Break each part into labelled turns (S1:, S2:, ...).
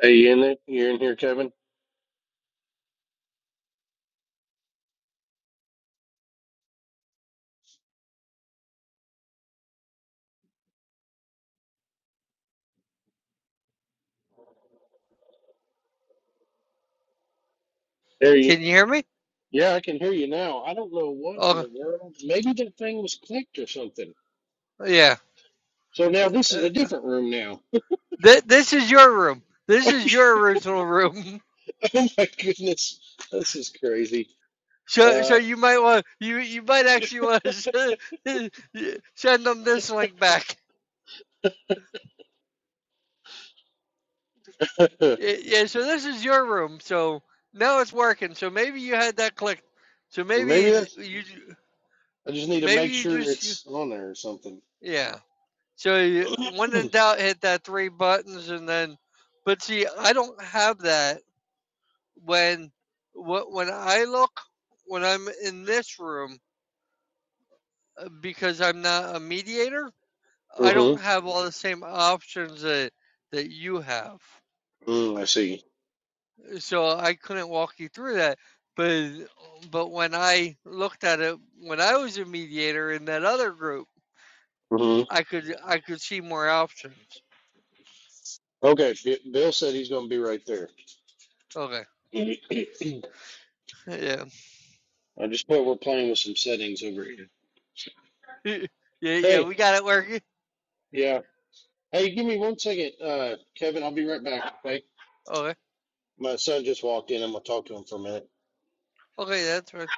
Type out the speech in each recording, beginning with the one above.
S1: Hey, you in there? You're in here, Kevin? There you.
S2: Can you hear me?
S1: Yeah, I can hear you now. I don't know what in
S2: Oh,
S1: the world. Maybe that thing was clicked or something.
S2: yeah.
S1: So now this is
S2: Uh,
S1: a different room now.
S2: th- this is your room. This is your original room.
S1: oh my goodness, this is crazy.
S2: So, so
S1: Uh,
S2: you might want you you might actually want to send them this link back. Y- Yeah. So this is your room. So now it's working. So maybe you had that clicked. So maybe
S1: maybe
S2: th-
S1: that's.
S2: you ju-
S1: I just need to
S2: maybe
S1: make
S2: you
S1: sure
S2: just
S1: it's on there or something.
S2: yeah. So you, when
S1: mm-hmm.
S2: in doubt, hit that three buttons and then. But see, I don't have that when wh- when I look when I'm in this room uh, because I'm not a mediator, I don't have all the same options that that you have.
S1: Mm, I see.
S2: So I couldn't walk you through that. But but when I looked at it when I was a mediator in that other group,
S1: hmm
S2: I could I could see more options.
S1: Okay, B- Bill said he's going to be right there.
S2: Okay.
S1: I
S2: Yeah.
S1: just put we're playing with some settings over here.
S2: yeah, yeah,
S1: Hey,
S2: we got it working.
S1: yeah. Hey, give me one second, uh, Kevin. I'll be right back. Okay.
S2: Okay.
S1: My son just walked in. I'm gonna talk to him for a minute.
S2: Okay, that's right.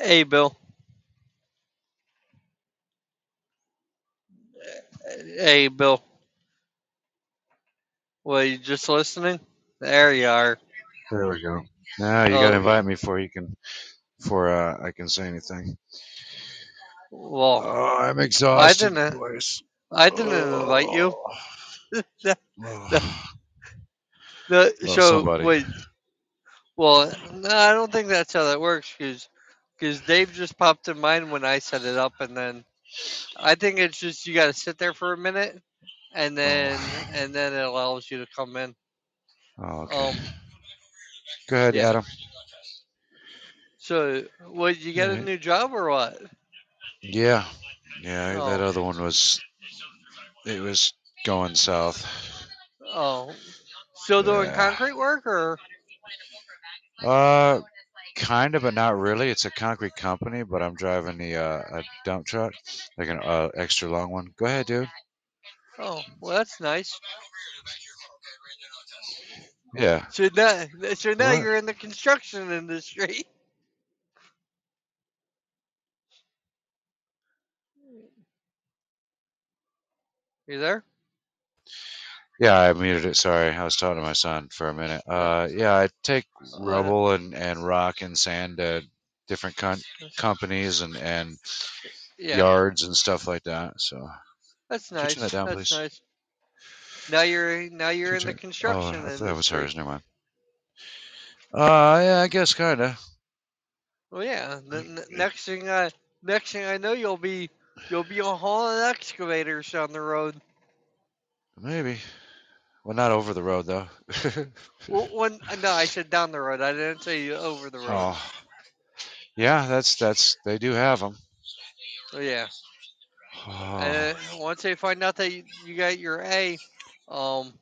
S2: Hey Bill. Hey Bill. Well, you just listening? There you are.
S3: There we go. Now you got to
S2: Oh,
S3: invite me before you can, before uh, I can say anything.
S2: well,
S3: Oh, I'm
S2: I
S3: exhausted,
S2: didn't.
S3: boys.
S2: I didn't
S3: Oh.
S2: invite you. The, the,
S3: Oh.
S2: the,
S3: Well,
S2: so
S3: somebody.
S2: wait. Well, no, I don't think that's how that works. Because Dave just popped in mind when I set it up, and then I think it's just you got to sit there for a minute, and
S3: Oh.
S2: then and then it allows you to come in.
S3: oh, okay.
S2: Um,
S3: Go ahead,
S2: yeah.
S3: Adam.
S2: So, what? You
S3: All
S2: got a
S3: right.
S2: new job or what?
S3: Yeah, yeah. That
S2: Oh,
S3: other one was it was going south.
S2: oh, still doing
S3: Yeah.
S2: concrete work or?
S3: Uh, kind of, but not really. It's a concrete company, but I'm driving the uh, a dump truck, like an uh, extra long one. Go ahead, dude.
S2: Oh, well, that's nice.
S3: Yeah.
S2: So now, so
S3: Do
S2: now
S3: what?
S2: you're in the construction industry. You there?
S3: Yeah, I muted it. Sorry, I was talking to my son for a minute.
S2: No.
S3: Uh, yeah, I take
S2: Oh, no.
S3: rubble and, and rock and sand to different con- companies and, and
S2: Yeah,
S3: yards and stuff like that. So, can
S2: that's
S3: you turn that
S2: nice.
S3: down,
S2: That's
S3: please?
S2: nice. Now you're now
S3: Can
S2: you're
S3: you
S2: in the
S3: turn? Oh, I
S2: construction
S3: thought that was
S2: industry.
S3: hers. Never mind. Uh, yeah, I guess kinda.
S2: Well, yeah. The
S3: I,
S2: n-
S3: I,
S2: next thing I next thing I know, you'll be you'll be hauling excavators down the road.
S3: maybe. Well, not over the road though.
S2: Well, when uh, no, I said down the road. I didn't say over the road.
S3: oh, yeah, that's that's they do have them.
S2: Well, yeah.
S3: Oh,
S2: And uh, once they find out that you, you got your A, um,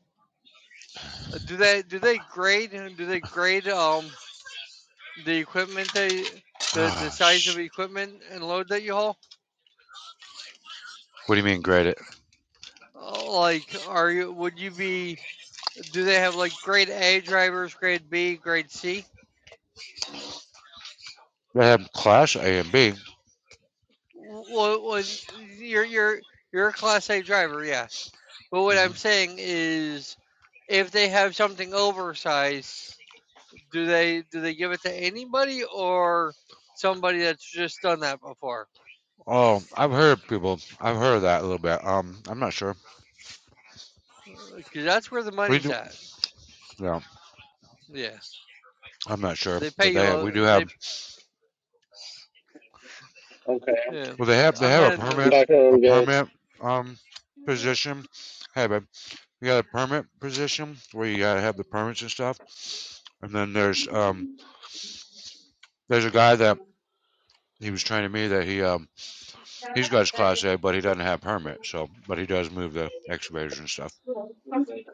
S2: do they do they grade do they grade um The equipment they the the
S3: ah,
S2: size of
S3: sh-
S2: equipment and load that you haul?
S3: What do you mean grade it?
S2: Uh, Like, are you would you be? Do they have like grade A drivers, grade B, grade C?
S3: They have class A and B.
S2: Well, well you're you're you're a class A driver, yes. But what
S3: Mhm.
S2: I'm saying is, if they have something oversized, do they do they give it to anybody or somebody that's just done that before?
S3: Oh, I've heard people. I've heard that a little bit. Um, I'm not sure.
S2: Because that's where the
S3: We
S2: money's
S3: do.
S2: at.
S3: No,
S2: Yeah,
S3: I'm not sure.
S2: they pay
S3: But
S2: you.
S3: they we do
S2: They
S3: have.
S1: Okay,
S2: Yeah,
S3: Well, they have they
S2: I'm
S3: have a
S2: heading the.
S1: I'm
S3: permit
S1: back
S3: a
S1: on, guys.
S3: permit um position. Hey, babe, you got a permit position where you gotta have the permits and stuff. And then there's um there's a guy that he was training me that he um he's got his class A, but he doesn't have permit. So, but he does move the excavators and stuff.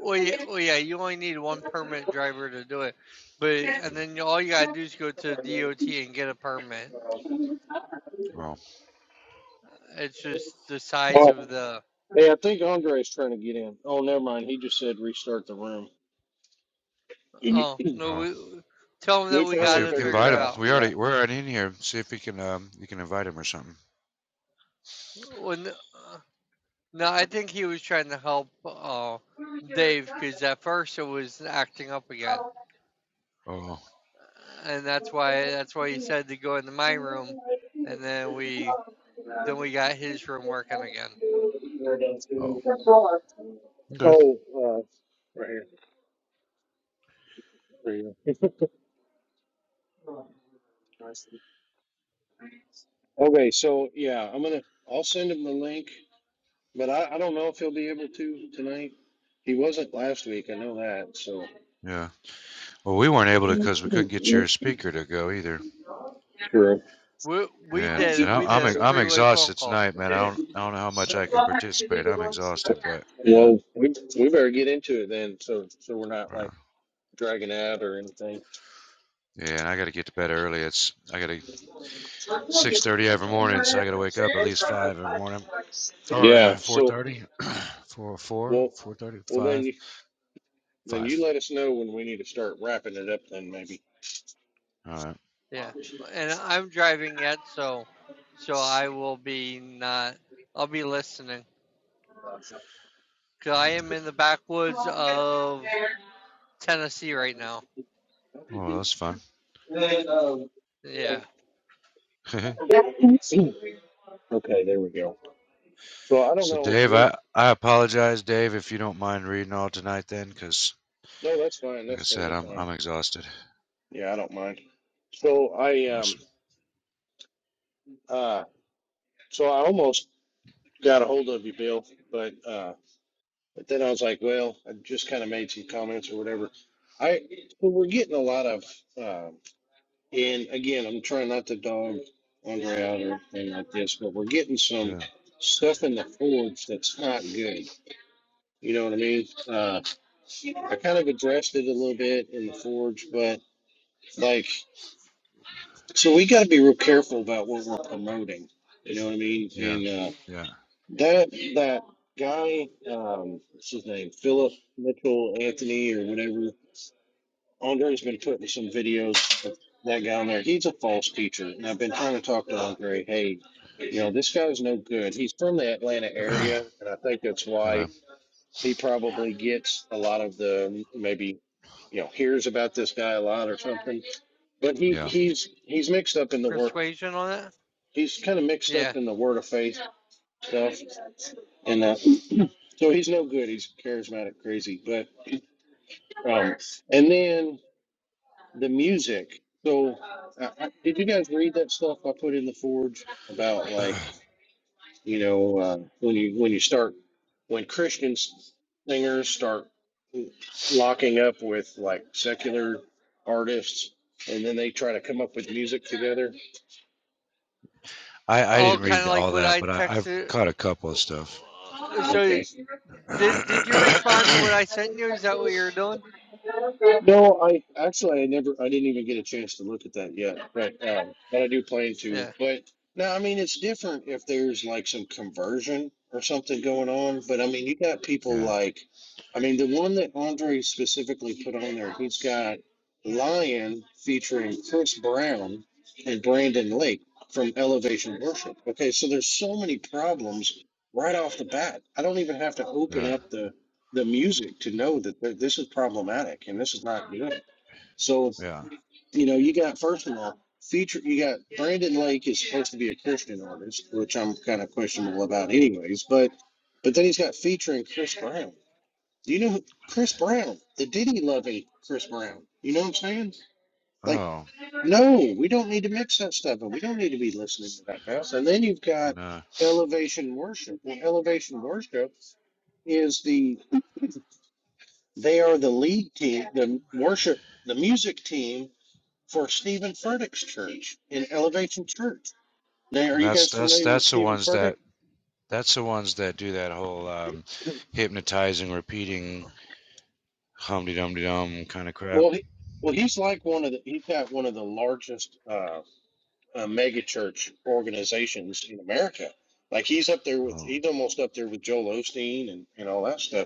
S2: Oh yeah, oh yeah. You only need one permit driver to do it, but and
S3: Mm.
S2: then you- all you gotta do is go to DOT and get a permit.
S3: Oh,
S2: It's just the size
S1: Oh,
S2: of the.
S1: hey, I think Andre's trying to get in. Oh, never mind. He just said restart the room. we
S2: Oh no,
S3: oh.
S2: we tell him that we
S3: Why don't
S1: finally
S3: you
S2: gotta
S1: figured it
S2: figure
S3: invite
S2: it
S3: him?
S1: out.
S3: We
S2: out.
S1: Yeah.
S3: already we're already in here. See if he can um you can invite him or something.
S2: When no, I think he was trying to help uh, Dave because at first it was acting up again,
S3: Oh,
S2: and that's why that's why he said to go into my room, and then we then we got his room working again.
S3: oh, okay,
S1: Oh, uh, right here. There you go. Okay, so yeah, I'm gonna. I'll send him the link, but I, I don't know if he'll be able to tonight. He wasn't last week. I know that. So.
S3: yeah. Well, we weren't able to because we couldn't get your speaker to go either.
S1: True.
S2: We we
S3: Man, and
S2: did
S3: I,
S2: we
S3: I'm
S2: did a
S3: e- I'm
S2: three way phone
S3: exhausted
S2: call.
S3: tonight, man. I don't I don't know how much I can participate. I'm exhausted, but yeah,
S1: Well, we we better get into it then, so so we're not
S3: Wow.
S1: like dragging out or anything.
S3: yeah. And I got to get to bed early. It's I got to six thirty every morning, so I got to wake up at least five every morning or
S1: Yeah.
S3: four
S1: So
S3: thirty, four four
S1: well,
S3: four thirty
S1: well then
S3: five
S1: you then you
S3: five.
S1: let us know when we need to start wrapping it up. Then maybe.
S3: All right.
S2: Yeah, and I'm driving yet, so so I will be not. I'll be listening, cause I
S3: Yeah.
S2: am in the backwoods of Tennessee right now.
S3: Well, that's fun.
S2: Yeah,
S1: Okay. There we go. So I don't
S3: so,
S1: know.
S3: Dave,
S1: We
S3: I, I apologize, Dave, if you don't mind reading all tonight, then, 'cause
S1: no, that's fine.
S3: Like I
S1: That's
S3: said,
S1: totally
S3: I'm
S1: fine.
S3: I'm exhausted.
S1: Yeah, I don't mind. So I um
S3: Awesome.
S1: uh so I almost got a hold of you, Bill, but uh but then I was like, well, I just kind of made some comments or whatever. I so we're getting a lot of. um And again, I'm trying not to dog Andre out or anything like this, but we're getting some
S3: Yeah.
S1: stuff in the forge that's not good. You know what I mean? Uh, I kind of addressed it a little bit in the forge, but like, so we got to be real careful about what we're promoting. You know what I mean?
S3: Yeah.
S1: And uh,
S3: Yeah.
S1: that that guy, um, what's his name? Philip Mitchell Anthony or whatever. Andre's been putting some videos of that guy on there. He's a false teacher, and I've been trying to talk to Andre. Hey, you know this guy's no good. He's from the Atlanta area, and I think that's why
S3: okay.
S1: he probably gets a lot of the maybe, you know, hears about this guy a lot or something. But he
S3: Yeah.
S1: he's he's mixed up in the work.
S2: persuasion on it.
S1: He's kind of mixed up
S2: Yeah.
S1: in the word of faith stuff, and uh, so he's no good. He's charismatic, crazy, but um, and then the music. So, uh, I- did you guys read that stuff I put in the forge about like you know uh, when you when you start when Christian s- singers start locking up with like secular artists and then they try to come up with music together?
S3: I I
S1: Did
S2: Oh,
S3: didn't
S1: you?
S2: kind
S3: read
S2: of like
S3: all
S2: what
S3: that,
S2: I
S3: but I I've
S2: texted.
S3: caught a couple of stuff.
S2: So
S1: Okay.
S2: did did you respond to what
S3: yeah.
S2: I sent you? Is that what you're doing?
S1: No, I actually I never I didn't even get a chance to look at that yet, but um, but I do plan to.
S2: Yeah.
S1: But no, I mean it's different if there's like some conversion or something going on. But I mean you got people like, I mean the one that Andre specifically put on there, he's got Lion featuring Chris Brown and Brandon Lake from Elevation Worship. Okay, so there's so many problems right off the bat. I don't even have to open
S3: Yeah.
S1: up the the music to know that th- this is problematic and this is not good. So
S3: Yeah.
S1: you know, you got first of all, feature you got Brandon Lake is supposed to be a Christian artist, which I'm kind of questionable about, anyways. But but then he's got featuring Chris Brown. Do you know who Chris Brown, the Diddy loving Chris Brown? You know what I'm saying? Like,
S3: Oh.
S1: no, we don't need to mix that stuff, and we don't need to be listening to that mess. And then you've got
S3: And, uh,
S1: elevation worship. Well, elevation worship is the they are the lead team, the worship, the music team for Stephen Furtick's church in Elevation Church. Now, are
S3: and
S1: you
S3: that's
S1: guys
S3: that's
S1: familiar with
S3: that's the
S1: Stephen
S3: ones
S1: Furtick?
S3: that that's the ones that do that whole um, hypnotizing, repeating humdy dumdy dum kind of crap.
S1: Well, he, well, he's like one of the he's got one of the largest uh, uh, mega church organizations in America. Like he's up there with
S3: Oh.
S1: he's almost up there with Joel Osteen and and all that stuff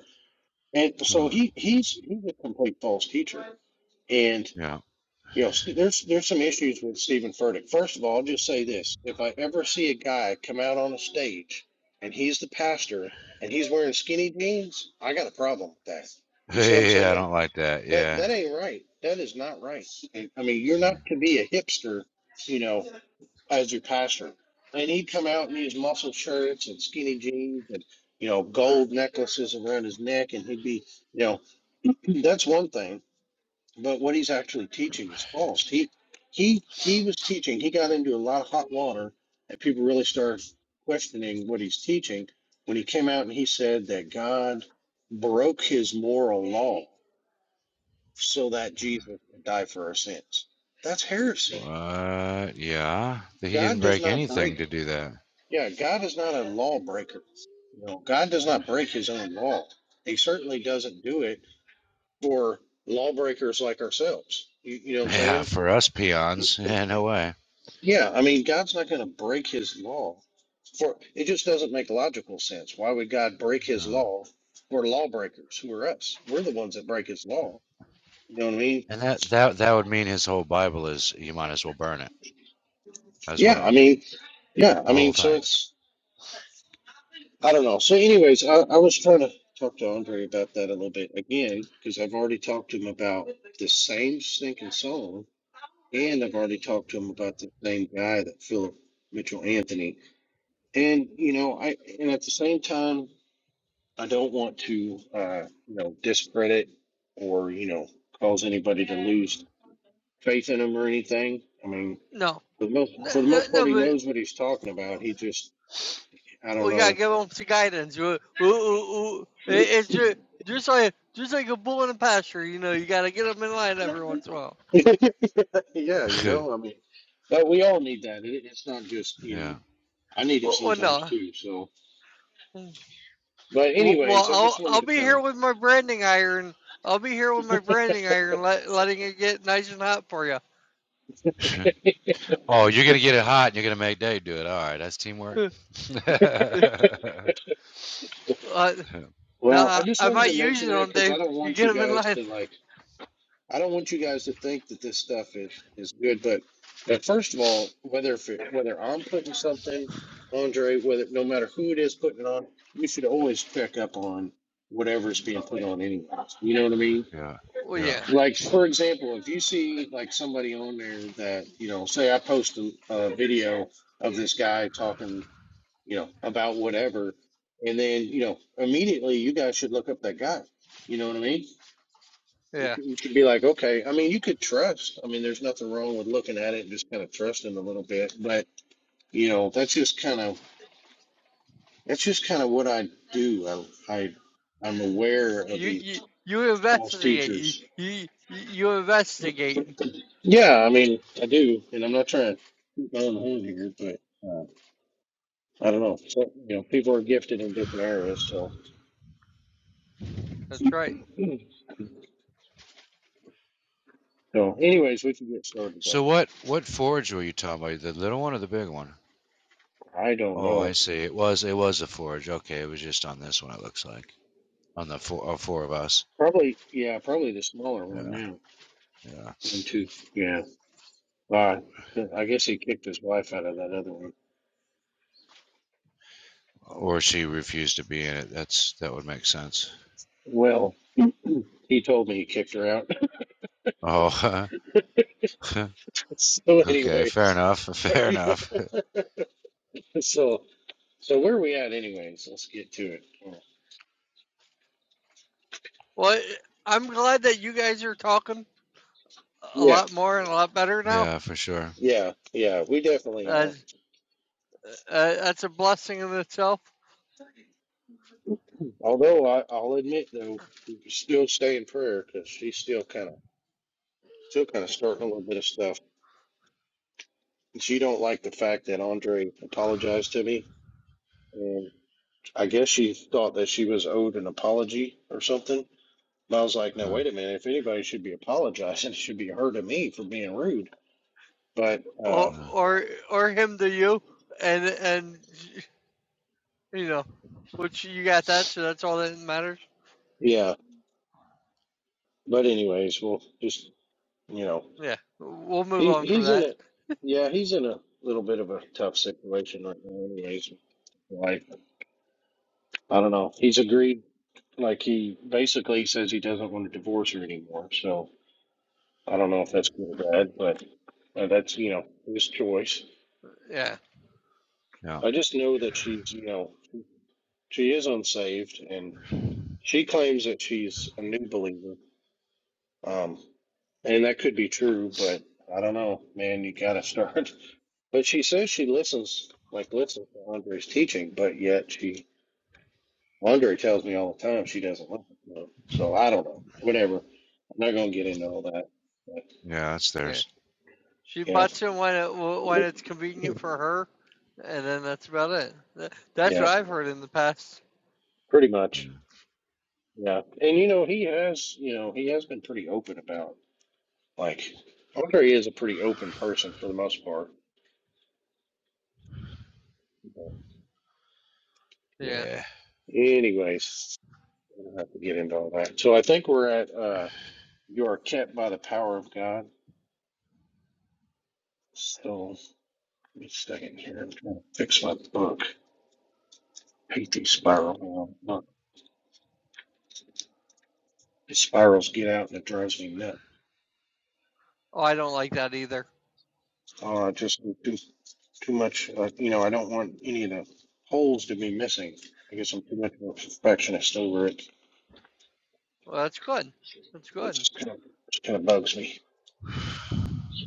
S1: And
S3: Huh.
S1: so he he's he's a complete false teacher. And
S3: Yeah.
S1: you know, st- there's there's some issues with Stephen Furtick. First of all, I'll just say this: if I ever see a guy come out on a stage and he's the pastor and he's wearing skinny jeans, I got a problem with that. You see what I'm
S3: Yeah. I
S1: saying?
S3: don't like that.
S1: That
S3: Yeah.
S1: that ain't right. That is not right. And, I mean, you're
S3: Mm.
S1: not to be a hipster, you know, as your pastor. And he'd come out in his muscle shirts and skinny jeans and you know gold necklaces around his neck, and he'd be you know. That's one thing, but what he's actually teaching is false. He he he was teaching. He got into a lot of hot water, and people really started questioning what he's teaching when he came out and he said that God broke his moral law so that Jesus could die for our sins. That's heresy.
S3: What? Yeah. He
S1: God
S3: didn't
S1: does
S3: break
S1: not
S3: anything
S1: break.
S3: to do that.
S1: Yeah, God is not a lawbreaker. You know, God does not break his own law. He certainly doesn't do it for lawbreakers like ourselves. You, you know what I'm
S3: Yeah,
S1: saying?
S3: for us peons, yeah, no way.
S1: Yeah, I mean, God's not going to break his law. For it just doesn't make logical sense. Why would God break his
S3: No.
S1: law for lawbreakers who are us? We're the ones that break his law. You know what I mean?
S3: And that that that would mean his whole Bible is you might as well burn it as
S1: Yeah, I
S3: well,
S1: mean, yeah, I
S3: the whole
S1: mean, so
S3: thing.
S1: it's, I don't know. So, anyways, I, I was trying to talk to Andre about that a little bit again, because I've already talked to him about the same stinking song, and I've already talked to him about the same guy that Philip Mitchell Anthony. And, you know, I, and at the same time, I don't want to, uh, you know, discredit or, you know, cause anybody to lose faith in him or anything. I mean,
S2: No.
S1: for the most,
S2: No,
S1: for the
S2: no,
S1: most
S2: no,
S1: part, he
S2: but
S1: knows what he's talking about. He just, I don't
S2: we gotta
S1: know.
S2: give them some guidance. We, we, we, it, it's ju- just like just like a bull in a pasture, you know. You gotta get them in line every once in a while.
S1: yeah, you know, I mean, but we all need that. It, it's not just, you
S3: yeah.
S1: know, I need it
S2: Well, well
S1: sometimes
S2: no.
S1: too. So,
S2: Mm.
S1: but
S2: Well, well,
S1: anyways, I
S2: I'll
S1: just
S2: I'll
S1: wanted to
S2: be
S1: kind
S2: here
S1: of,
S2: with my branding iron. I'll be here with my branding iron, let, letting it get nice and hot for you.
S3: oh, you're gonna get it hot, and you're gonna make Dave do it. All right, that's teamwork.
S2: uh,
S3: yeah,
S1: well, I
S2: nah,
S1: just
S2: I
S1: wanted to
S2: might use
S1: mention
S2: it
S1: that
S2: on
S1: because I
S2: Dave.
S1: don't
S2: You
S1: want
S2: get
S1: you
S2: them in
S1: guys
S2: line.
S1: to like I don't want you guys to think that this stuff is, is good, but but first of all, whether if it, whether I'm putting something, Andre, whether no matter who it is putting it on, you should always check up on whatever's being put on anyway. You know what I mean?
S2: Well,
S3: yeah.
S2: yeah,
S1: Like for example, if you see like somebody on there that you know, say I post a, a video of this guy talking, you know, about whatever, and then you know immediately you guys should look up that guy. You know what I mean? You
S2: yeah.
S1: could, you could be like, okay, I mean, you could trust. I mean, there's nothing wrong with looking at it and just kind of trusting a little bit. But you know, that's just kind of that's just kind of what I do. I, I I'm aware of
S2: You
S1: these
S2: you you
S1: false
S2: investigate.
S1: teachers.
S2: you you you investigate.
S1: Yeah, I mean, I do, and I'm not trying to toot my own horn here, but uh, I don't know. So, you know, people are gifted in different areas, so
S2: That's right.
S1: so. Anyways, we can get started though.
S3: So what what forge were you talking about? The little one or the big one?
S1: I don't
S3: Oh, I
S1: know.
S3: see. It was it was a forge. Okay, it was just on this one. It looks like on the four, oh, four of us.
S1: Probably, yeah, probably the smaller one
S3: Yeah.
S1: now.
S3: Yeah.
S1: One, two, yeah. Uh, I guess he kicked his wife out of that other one.
S3: Or she refused to be in it. That's that would make sense.
S1: Well, he told me he kicked her out.
S3: Oh,
S1: so,
S3: okay. Fair
S1: anyways,
S3: enough. Fair enough.
S1: so so where are we at, anyways? Let's get to it.
S2: Well, I'm glad that you guys are talking a
S1: Yeah,
S2: lot more and a lot better now.
S3: Yeah, for sure.
S1: yeah, yeah. We definitely
S2: Uh,
S1: are.
S2: uh, that's a blessing in itself,
S1: Although I, I'll admit though, we still stay in prayer because she's still kind of still kind of starting a little bit of stuff. She don't like the fact that Andre apologized to me, and I guess she thought that she was owed an apology or something. And I was like, no,
S3: Huh,
S1: wait a minute. If anybody should be apologizing, it should be her to me for being rude. But uh,
S2: or,
S3: huh.
S2: or or him to you, and and you know, which you got that, so that's all that matters.
S1: yeah. But anyways, we'll just you know,
S2: Yeah, we'll move
S1: he
S2: on from
S1: he's in
S2: that.
S1: a yeah, he's in a little bit of a tough situation right now. Anyways, like I don't know. He's agreed. Like he basically says he doesn't want to divorce her anymore. So I don't know if that's good or bad, but uh, that's you know his choice.
S2: Yeah,
S3: Yeah.
S1: I just know that she's you know she is unsaved, and. She claims that she's a new believer. Um, and that could be true, but I don't know, man, you gotta start. But she says she listens, like listens to Andre's teaching, but yet she, Andre tells me all the time she doesn't listen to him. So I don't know. Whatever. I'm not gonna get into all that. But
S3: Yeah, that's
S2: yeah.
S3: theirs.
S2: She
S1: yeah.
S2: butts in when it when it's convenient for her, and then that's about it. That's
S1: Yeah,
S2: what I've heard in the past.
S1: pretty much.
S3: Hmm.
S1: Yeah. And you know, he has, you know, he has been pretty open about like Andre is a pretty open person for the most part. But
S2: Yeah.
S3: Yeah.
S1: anyways. We don't have to get into all that. So I think we're at uh, you are kept by the power of God. So give me a second here. I'm trying to fix my book. I hate these spiral. Um, look, the spirals get out and it drives me nuts.
S2: Oh, I don't like that either.
S1: Oh, just too too much. Uh, you know, I don't want any of the holes to be missing. I guess I'm too much of a perfectionist over it.
S2: Well, that's good. That's
S1: It
S2: good.
S1: just kind of just kind of bugs me.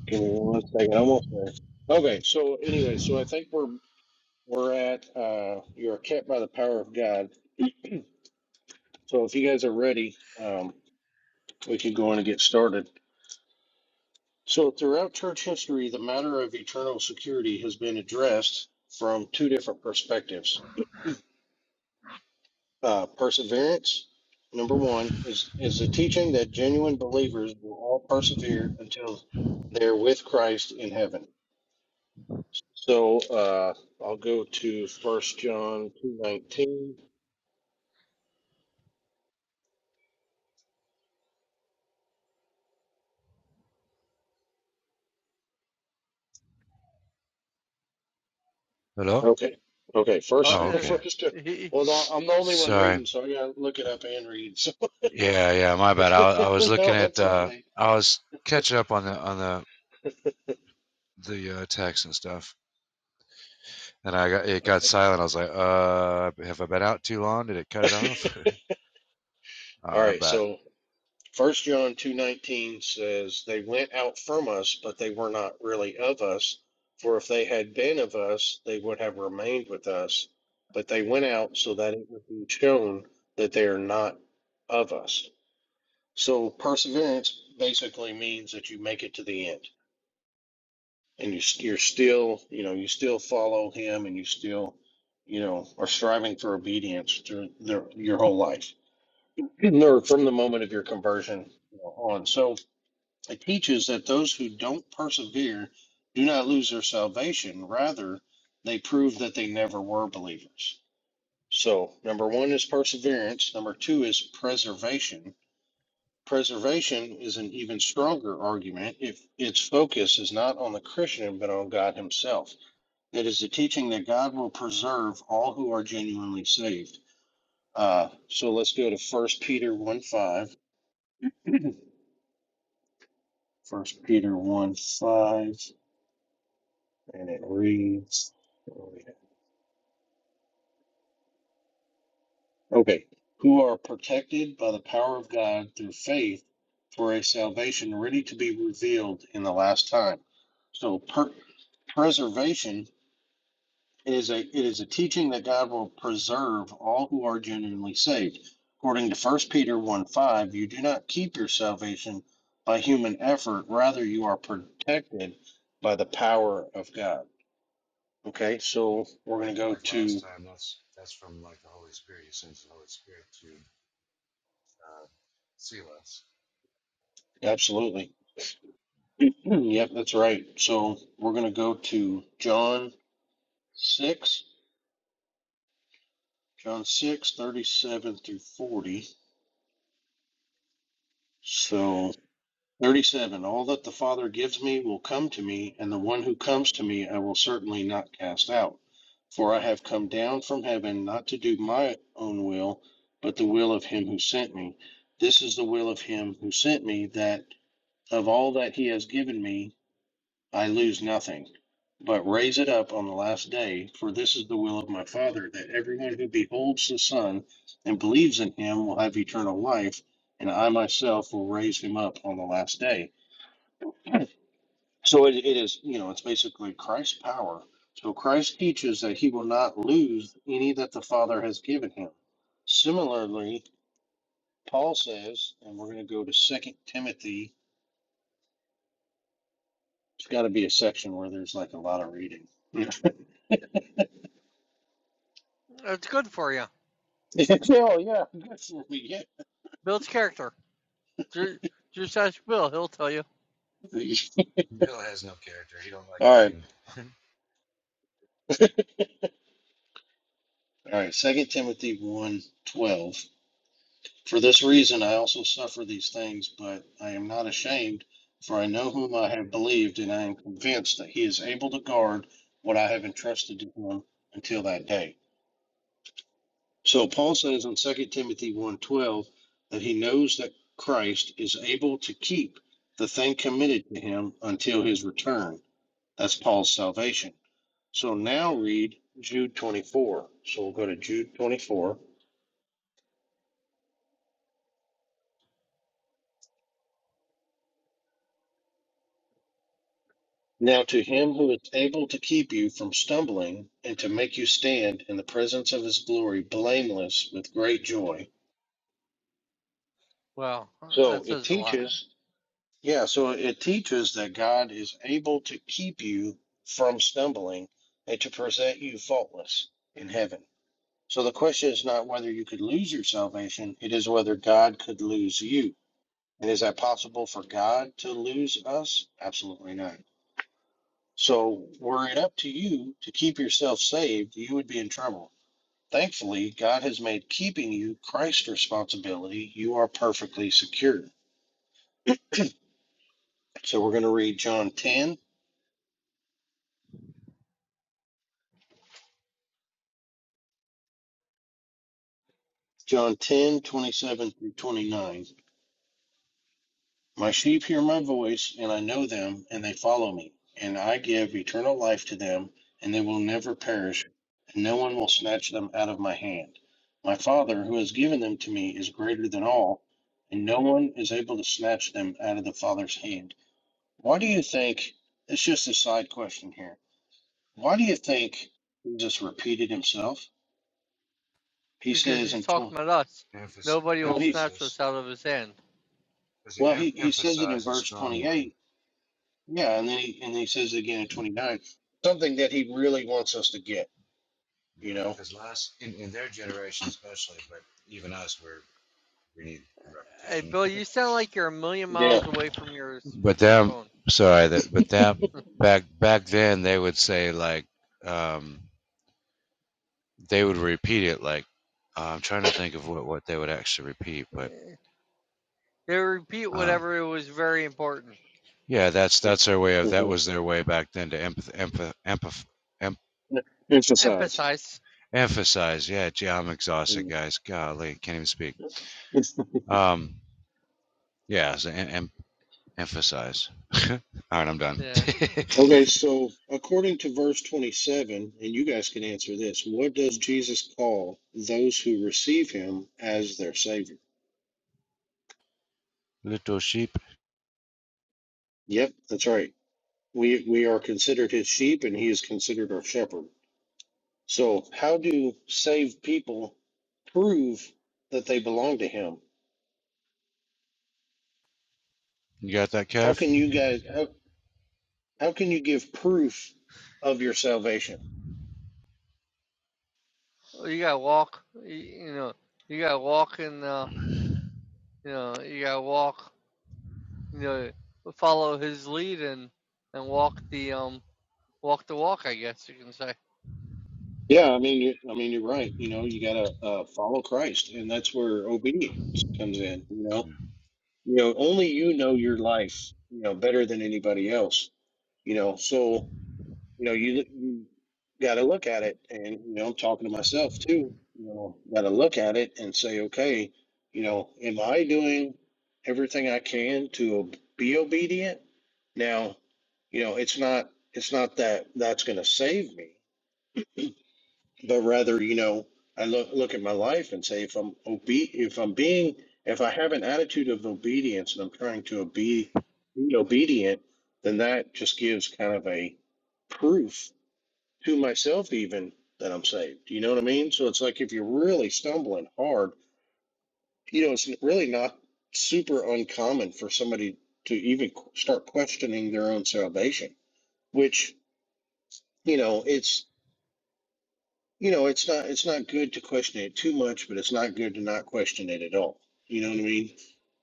S1: Give me one second. second. I'm Almost there. Okay. So anyway, so I think we're we're at uh, you are kept by the power of God So if you guys are ready, um, we can go on and get started. So throughout church history, the matter of eternal security has been addressed from two different perspectives. Uh, perseverance, number one, is is the teaching that genuine believers will all persevere until they're with Christ in heaven. So uh, I'll go to First John two nineteen.
S3: Hello.
S1: Okay, okay. First,
S3: Oh,
S2: Uh,
S3: okay.
S1: first.
S2: uh,
S1: Well, no, I'm the only one
S3: Sorry.
S1: reading, so I gotta look it up and read.
S3: Yeah, yeah. My bad. I, I was looking
S1: no,
S3: at.
S1: that's
S3: Uh,
S1: okay.
S3: I was catching up on the on the the uh, text and stuff, and I got it got
S1: Okay.
S3: silent. I was like, uh, have I been out too long? Did it cut it off? All
S1: All
S3: right, I'm
S1: right.
S3: back.
S1: So First John two nineteen says they went out from us, but they were not really of us. For if they had been of us, they would have remained with us. But they went out so that it would be shown that they are not of us. So perseverance basically means that you make it to the end, and you you're still you know you still follow him, and you still you know are striving for obedience through their, your whole life or from the moment of your conversion on. So it teaches that those who don't persevere do not lose their salvation. Rather, they prove that they never were believers. So, number one is perseverance. Number two is preservation. Preservation is an even stronger argument if its focus is not on the Christian but on God Himself. It is the teaching that God will preserve all who are genuinely saved. Uh, so let's go to First Peter 1 5. First Peter one five, and it reads, okay, who are protected by the power of God through faith for a salvation ready to be revealed in the last time. So per- preservation is a it is a teaching that God will preserve all who are genuinely saved. According to First Peter 1 5, you do not keep your salvation by human effort, rather you are protected by the power of God. Okay, so we're
S3: like
S1: going to go
S3: like last
S1: to,
S3: time, that's that's from like the Holy Spirit. He sends the Holy Spirit to uh, seal us.
S1: absolutely. Yep, that's right. So we're going to go to John 6, John 6 37 through 40. So 37, all that the Father gives me will come to me, and the one who comes to me I will certainly not cast out. For I have come down from heaven not to do my own will, but the will of him who sent me. This is the will of him who sent me, that of all that he has given me, I lose nothing, but raise it up on the last day, for this is the will of my Father, that everyone who beholds the Son and believes in him will have eternal life, and I myself will raise him up on the last day. So it, it is, you know, it's basically Christ's power. So Christ teaches that he will not lose any that the Father has given him. Similarly, Paul says, and we're going to go to Second Timothy. It's got to be a section where there's like a lot of reading.
S2: That's good for you.
S1: Yeah. Phil, yeah, good for me. Yeah.
S2: Builds character. Ju- Just ask Bill; he'll tell you.
S1: All
S3: Bill has no character. He don't like
S1: right,
S3: reading.
S1: all right. Second Timothy 1, twelve. For this reason I also suffer these things, but I am not ashamed, for I know whom I have believed, and I am convinced that he is able to guard what I have entrusted to him until that day. So Paul says in Second Timothy 1, twelve that he knows that Christ is able to keep the thing committed to him until his return. That's Paul's salvation. So now read Jude 24. So we'll go to Jude 24. Now to him who is able to keep you from stumbling and to make you stand in the presence of his glory blameless with great joy.
S2: Well,
S1: So
S2: that
S1: it
S2: says a lot
S1: teaches, yeah, so it teaches that God is able to keep you from stumbling and to present you faultless in heaven. So the question is not whether you could lose your salvation, it is whether God could lose you. And is that possible for God to lose us? Absolutely not. So were it up to you to keep yourself saved, you would be in trouble. Thankfully, God has made keeping you Christ's responsibility. You are perfectly secure. So we're going to read John 10, John 10:27 through 29. My sheep hear my voice, and I know them, and they follow me. And I give eternal life to them, and they will never perish, and no one will snatch them out of my hand. My Father, who has given them to me, is greater than all, and no one is able to snatch them out of the Father's hand. Why do you think? It's just a side question here. Why do you think Jesus repeated himself? He
S2: because
S1: says
S2: he's
S1: in tw-
S2: talking about us.
S3: Emphasis,
S2: Nobody
S1: well,
S2: will
S1: he
S2: snatch
S3: emphasis,
S2: us out of his hand.
S3: because he
S1: well
S3: em-
S1: he, he says it in
S3: emphasizes
S1: verse twenty
S3: strongly.
S1: eight Yeah, and then he and then he says it again in twenty nine, something that he really wants us to get.
S3: Yeah,
S1: You know.
S3: because last in, in their generation especially, but even us, we're we need
S2: Hey,
S3: repetition.
S2: Bill, you sound like you're a million
S1: Yeah.
S2: miles away from your
S3: But
S2: your
S3: them,
S2: phone.
S3: sorry, that but that back back then they would say like um, they would repeat it like uh, I'm trying to think of what what they would actually repeat, but.
S2: They repeat
S3: um.
S2: whatever it was very important.
S3: Yeah, that's that's their way of that
S1: hmm
S3: was their way back then to empath, empath, empath, em,
S1: Emphasize.
S2: Emphasize.
S3: emphasize. Yeah, gee, I'm exhausted,
S1: Mm.
S3: guys. Golly, can't even speak. Um, yeah, so em, em, emphasize. All right, I'm done.
S2: Yeah.
S1: okay, so according to verse twenty seven, and you guys can answer this: What does Jesus call those who receive Him as their Savior?
S3: Little sheep,
S1: Yep, that's right. We we are considered His sheep, and He is considered our shepherd. So, how do saved people prove that they belong to Him?
S3: you got that
S1: How
S3: calf?
S1: can you guys? How How can you give proof of your salvation?
S2: Well, You gotta walk. You, you know. You gotta walk and uh, you know. You gotta walk. You know. Follow his lead and and walk the um walk the walk. I guess you can say.
S1: Yeah, I mean, you, I mean, you're right. You know, you gotta uh, follow Christ, and that's where obedience comes in. You know, you know, only you know your life, you know, better than anybody else. You know, so you know, you, you got to look at it, and you know, I'm talking to myself too. You know, got to look at it and say, okay, you know, am I doing everything I can to ob- be obedient? Now, you know, it's not it's not that that's going to save me, but rather, you know, I look look at my life and say, if I'm obe- if I'm being, if I have an attitude of obedience and I'm trying to obe- be obedient, then that just gives kind of a proof to myself even that I'm saved. You know what I mean? So it's like if you're really stumbling hard, you know, it's really not super uncommon for somebody to even qu- start questioning their own salvation, which, you know, it's you know, it's not it's not good to question it too much, but it's not good to not question it at all. You know what I mean?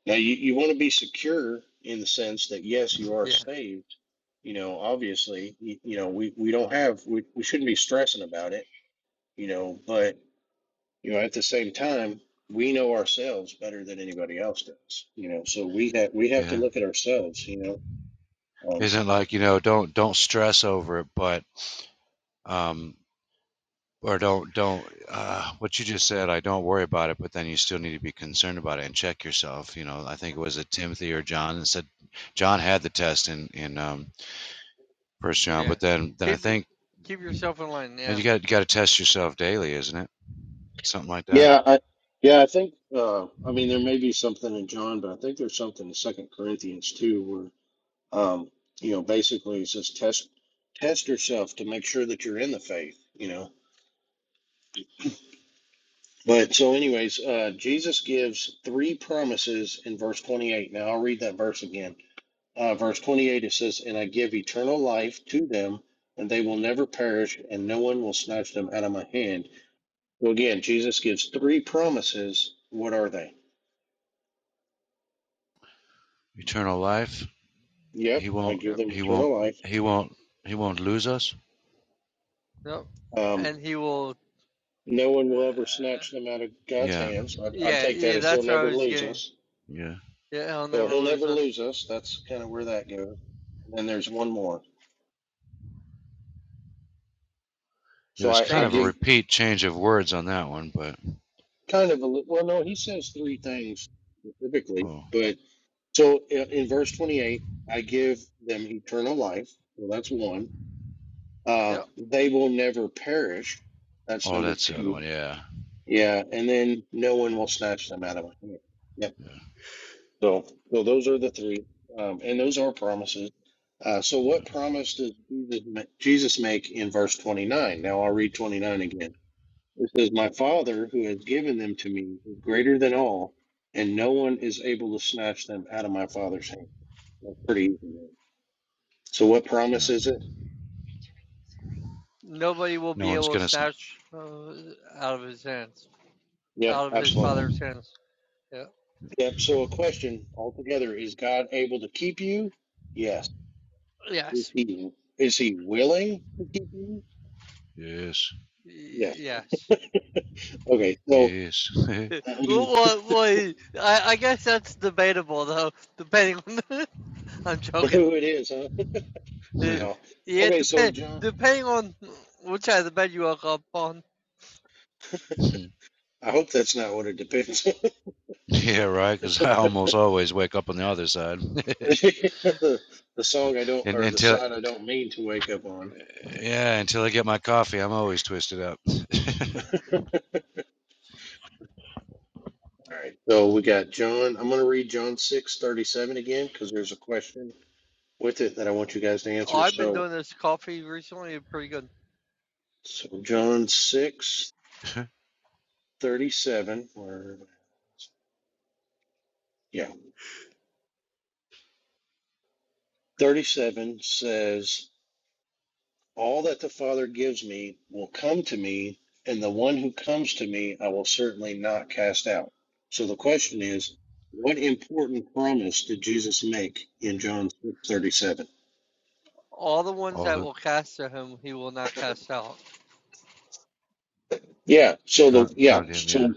S1: Now you, you want to be secure in the sense that yes, you are
S2: Yeah.
S1: saved. You know, obviously, you, you know, we, we don't have we, we shouldn't be stressing about it, you know, but You know, at the same time, we know ourselves better than anybody else does. You know, so we have we have to
S3: Yeah,
S1: look at ourselves. You know, um,
S3: isn't like you know, don't don't stress over it, but um, or don't don't uh, what you just said i don't worry about it but then you still need to be concerned about it and check yourself you know i think it was a timothy or john and said john had the test in in um, first john
S2: Yeah.
S3: but then then i
S2: Keep y-
S3: think
S2: keep yourself in line.
S3: then
S2: Yeah.
S3: you got you got to test yourself daily isn't it something like that
S1: yeah, I, yeah, I think. Uh, I mean, there may be something in John, but I think there's something in Second Corinthians too, where um, you know, basically it says test test yourself to make sure that you're in the faith. You know. But so, anyways, uh, Jesus gives three promises in verse 28. Now, I'll read that verse again. uh, verse 28, it says, And I give eternal life to them, and they will never perish, and no one will snatch them out of my hand. So again, Jesus gives three promises. What are they?
S3: eternal life
S1: Yep,
S3: he
S1: I
S3: won't
S1: give
S2: Yep.
S1: them
S3: he won't
S1: eternal life.
S3: he won't he won't lose us
S2: Yep.
S1: Um,
S2: And he will.
S1: no one
S2: Uh,
S1: will ever snatch them out of God's
S3: yeah
S1: hands. I, I
S2: yeah.
S1: take that
S2: Yeah.
S1: as He'll
S2: That's what I
S1: never
S2: was
S1: lose
S2: getting.
S1: us.
S3: yeah
S2: Yeah. He'll
S1: So
S2: never
S1: He'll
S2: lose
S1: never
S2: us.
S1: lose us. That's kind of where that goes. And then there's one more.
S3: it
S1: So
S3: was
S1: I, I
S3: kind of a
S1: give
S2: Safety.
S3: repeat change of words on that one but
S1: kind of a li- well, no, He says three things specifically,
S3: oh
S1: but So i- in verse 28, I give them eternal life. Well, that's one. Uh,
S2: Yep.
S1: they will never perish. That's
S3: oh
S1: number
S3: that's the other
S1: two.
S3: one yeah
S1: Yeah. And then no one will snatch them out of my hand. Yep.
S3: yeah
S1: So, so those are the three. Um, and those are promises. Uh, so
S3: yeah,
S1: what promise does Jesus ma- Jesus make in verse 29? Now I'll read 29 again. It says, My Father who has given them to me is greater than all, and no one is able to snatch them out of my Father's hand. That's pretty easy. right? So, what promise
S3: yeah.
S1: is it?
S2: Nobody will
S3: no
S2: be
S3: one's
S2: able to
S3: gonna
S2: snatch uh, out of his hands.
S3: Yeah.
S1: Yep,
S2: Out of his
S1: absolutely.
S2: father's hands. Yeah.
S1: Yep. So, a question altogether is God able to keep you? Yes. Is
S2: Yes.
S1: he, is he willing to keep you?
S3: Yes.
S2: Y-
S1: Yes.
S2: Yes.
S1: okay. So,
S3: Yes.
S2: Eh, Well,
S1: who
S2: well, well, he- I, I guess that's debatable though. Depending on, the, I'm joking.
S1: it is, huh?
S2: Eh,
S3: yeah,
S1: No.
S2: Yeah,
S1: Okay. So,
S2: depend
S1: John,
S2: depending on which side of the bed you woke up on.
S1: I hope that's not what it depends on.
S3: right. Because I almost always wake up on the other side,
S1: the, the song I don't,
S3: and
S1: or the
S3: until
S1: side I don't mean to wake up on.
S3: yeah, until I get my coffee, I'm always twisted up.
S1: All right. So, we got John. I'm going to read John six thirty seven again because there's a question. with it that I want you guys to
S2: Oh,
S1: answer.
S2: I've been
S1: So,
S2: doing this coffee recently, pretty good.
S1: so John 6 37. or yeah, 37 says, All that the Father gives me will come to me, and the one who comes to me I will certainly not cast out. So the question is, what important promise did Jesus make in John 6:37?
S2: All the ones
S3: Oh,
S2: that
S3: who
S2: will cast to him, he will not cast out.
S1: Yeah. So the
S3: con-
S1: yeah.
S3: condemn, yeah.
S1: So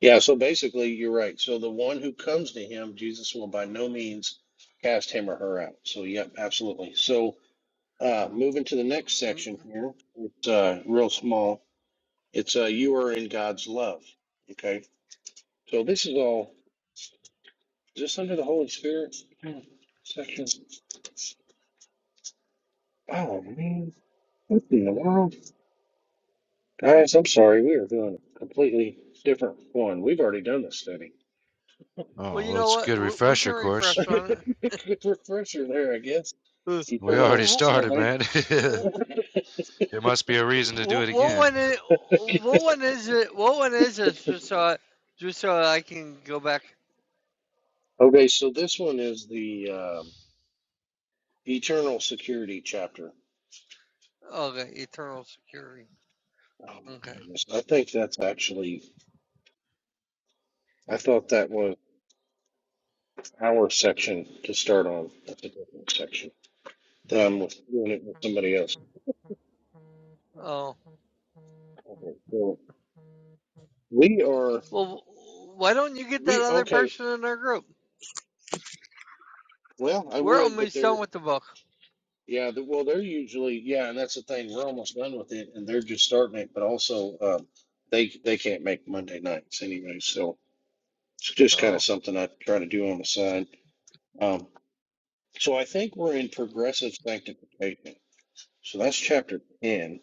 S1: yeah. So basically, you're right. So the one who comes to him, Jesus will by no means cast him or her out. So yeah, absolutely. So uh, moving to the next
S2: Mm,
S1: section here, it's uh, real small. It's uh, you are in God's love. Okay. So this is all just under the Holy Spirit Hmm, section. Oh man, what in the world, guys? I'm sorry, we are doing a completely different one. We've already done this study.
S2: Well,
S3: Oh
S2: you
S3: well,
S2: know
S3: it's a
S2: what?
S3: good
S2: We can
S3: refresher course.
S2: refresh on it.
S1: Good refresher there, I guess.
S2: Uh,
S3: We
S1: Eternal
S3: already started,
S1: salvation.
S3: man. there must be a reason to do it
S2: What
S3: again.
S2: one is, what one is it? What one is this? Just so, I, just so I can go back.
S1: okay, so this one is the um, eternal security chapter.
S2: Okay, eternal security.
S1: Oh my
S3: Yeah.
S2: Okay.
S1: goodness. I think that's actually, I thought that was our section to start on. That's a different section. Um, with, doing it with somebody else.
S2: Oh
S1: Okay, so we are,
S2: well, why don't you get that
S1: we,
S2: other
S1: okay,
S2: person in our group?
S1: well, I
S2: We're
S1: would, but
S2: almost
S1: there.
S2: done with the book.
S1: Yeah, the, well, they're usually yeah, and that's the thing. We're almost done with it, and they're just starting it. But also, um, they they can't make Monday nights anyway, so it's just kind of
S2: Oh.
S1: something I try to do on the side. Um, so I think we're in progressive sanctification. So that's chapter ten.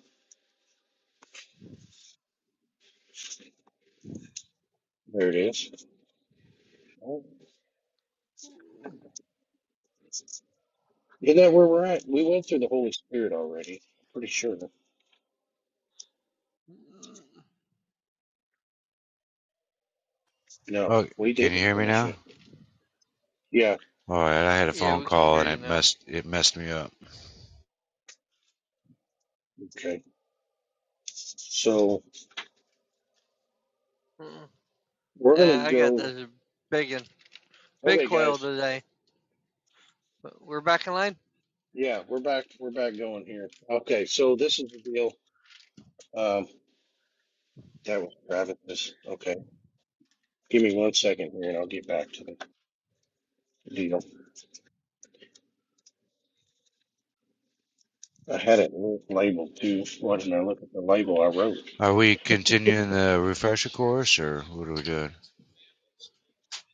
S1: There it is. Oh, Isn't that where we're at? We went through the Holy Spirit already. Pretty sure. No,
S3: Oh,
S1: we
S3: can you
S1: didn't
S3: hear me
S1: finish
S3: now?
S1: it. Yeah.
S3: All right, I had a
S2: Yeah,
S3: phone
S2: we can
S3: call
S2: hear
S3: and
S2: you
S3: it
S2: now.
S3: messed it messed me up.
S1: Okay. So
S2: Mm-mm.
S1: we're gonna
S2: Yeah, I got
S1: go.
S2: this big one. Big
S1: Okay,
S2: coil
S1: guys.
S2: today. We're back in line?
S1: Yeah, we're back. We're back going here. Okay, so this is the deal. Um, that was Travis's. Okay, give me one second here, and I'll get back to the deal. I had it labeled too. Why didn't I look at the label I wrote?
S3: Are we continuing the refresher course, or what are we doing?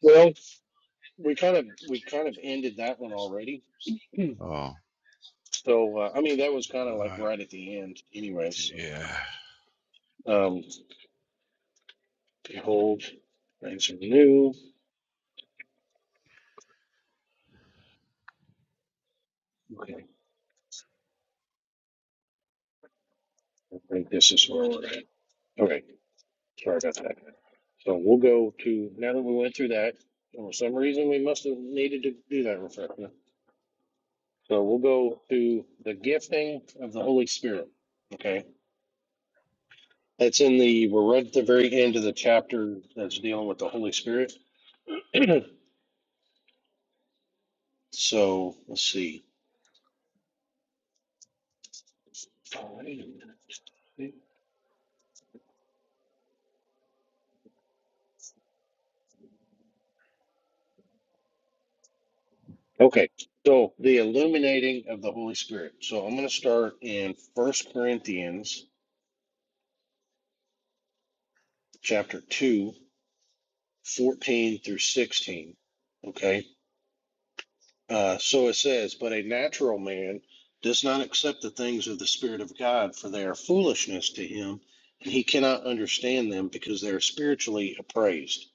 S1: Well, we kind of we kind of ended that one already. Hmm.
S3: Oh,
S1: So uh, I mean, that was kind of like
S3: alright.
S1: right at the end, anyway. So
S3: yeah,
S1: um, behold, things are new. Okay, I think this is where we're at. Okay, sorry about that. So we'll go to, now that we went through that, for some reason we must have needed to do that reflection. So we'll go to the gifting of the Holy Spirit. Okay. That's in the, we're right at the very end of the chapter that's dealing with the Holy Spirit. so let's see. Okay. So the illuminating of the Holy Spirit. So I'm going to start in First Corinthians chapter 2, 14 through 16. Okay. Uh, so it says, but a natural man does not accept the things of the Spirit of God, for they are foolishness to him, and he cannot understand them because they are spiritually appraised.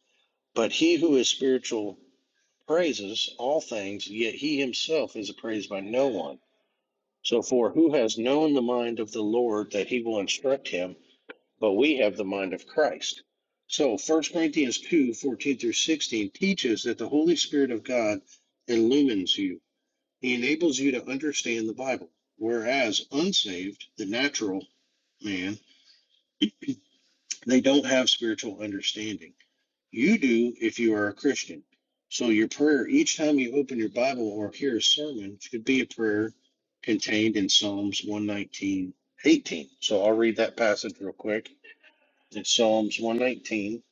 S1: But he who is spiritual praises all things, yet he himself is appraised by no one. So, for who has known the mind of the Lord that he will instruct him? But we have the mind of Christ. So, First Corinthians two fourteen through 16 teaches that the Holy Spirit of God illumines you he enables you to understand the Bible. Whereas unsaved, the natural man, they don't have spiritual understanding. You do if you are a Christian. So your prayer each time you open your Bible or hear a sermon should be a prayer contained in Psalms 119, So I'll read that passage real quick. It's Psalms 119,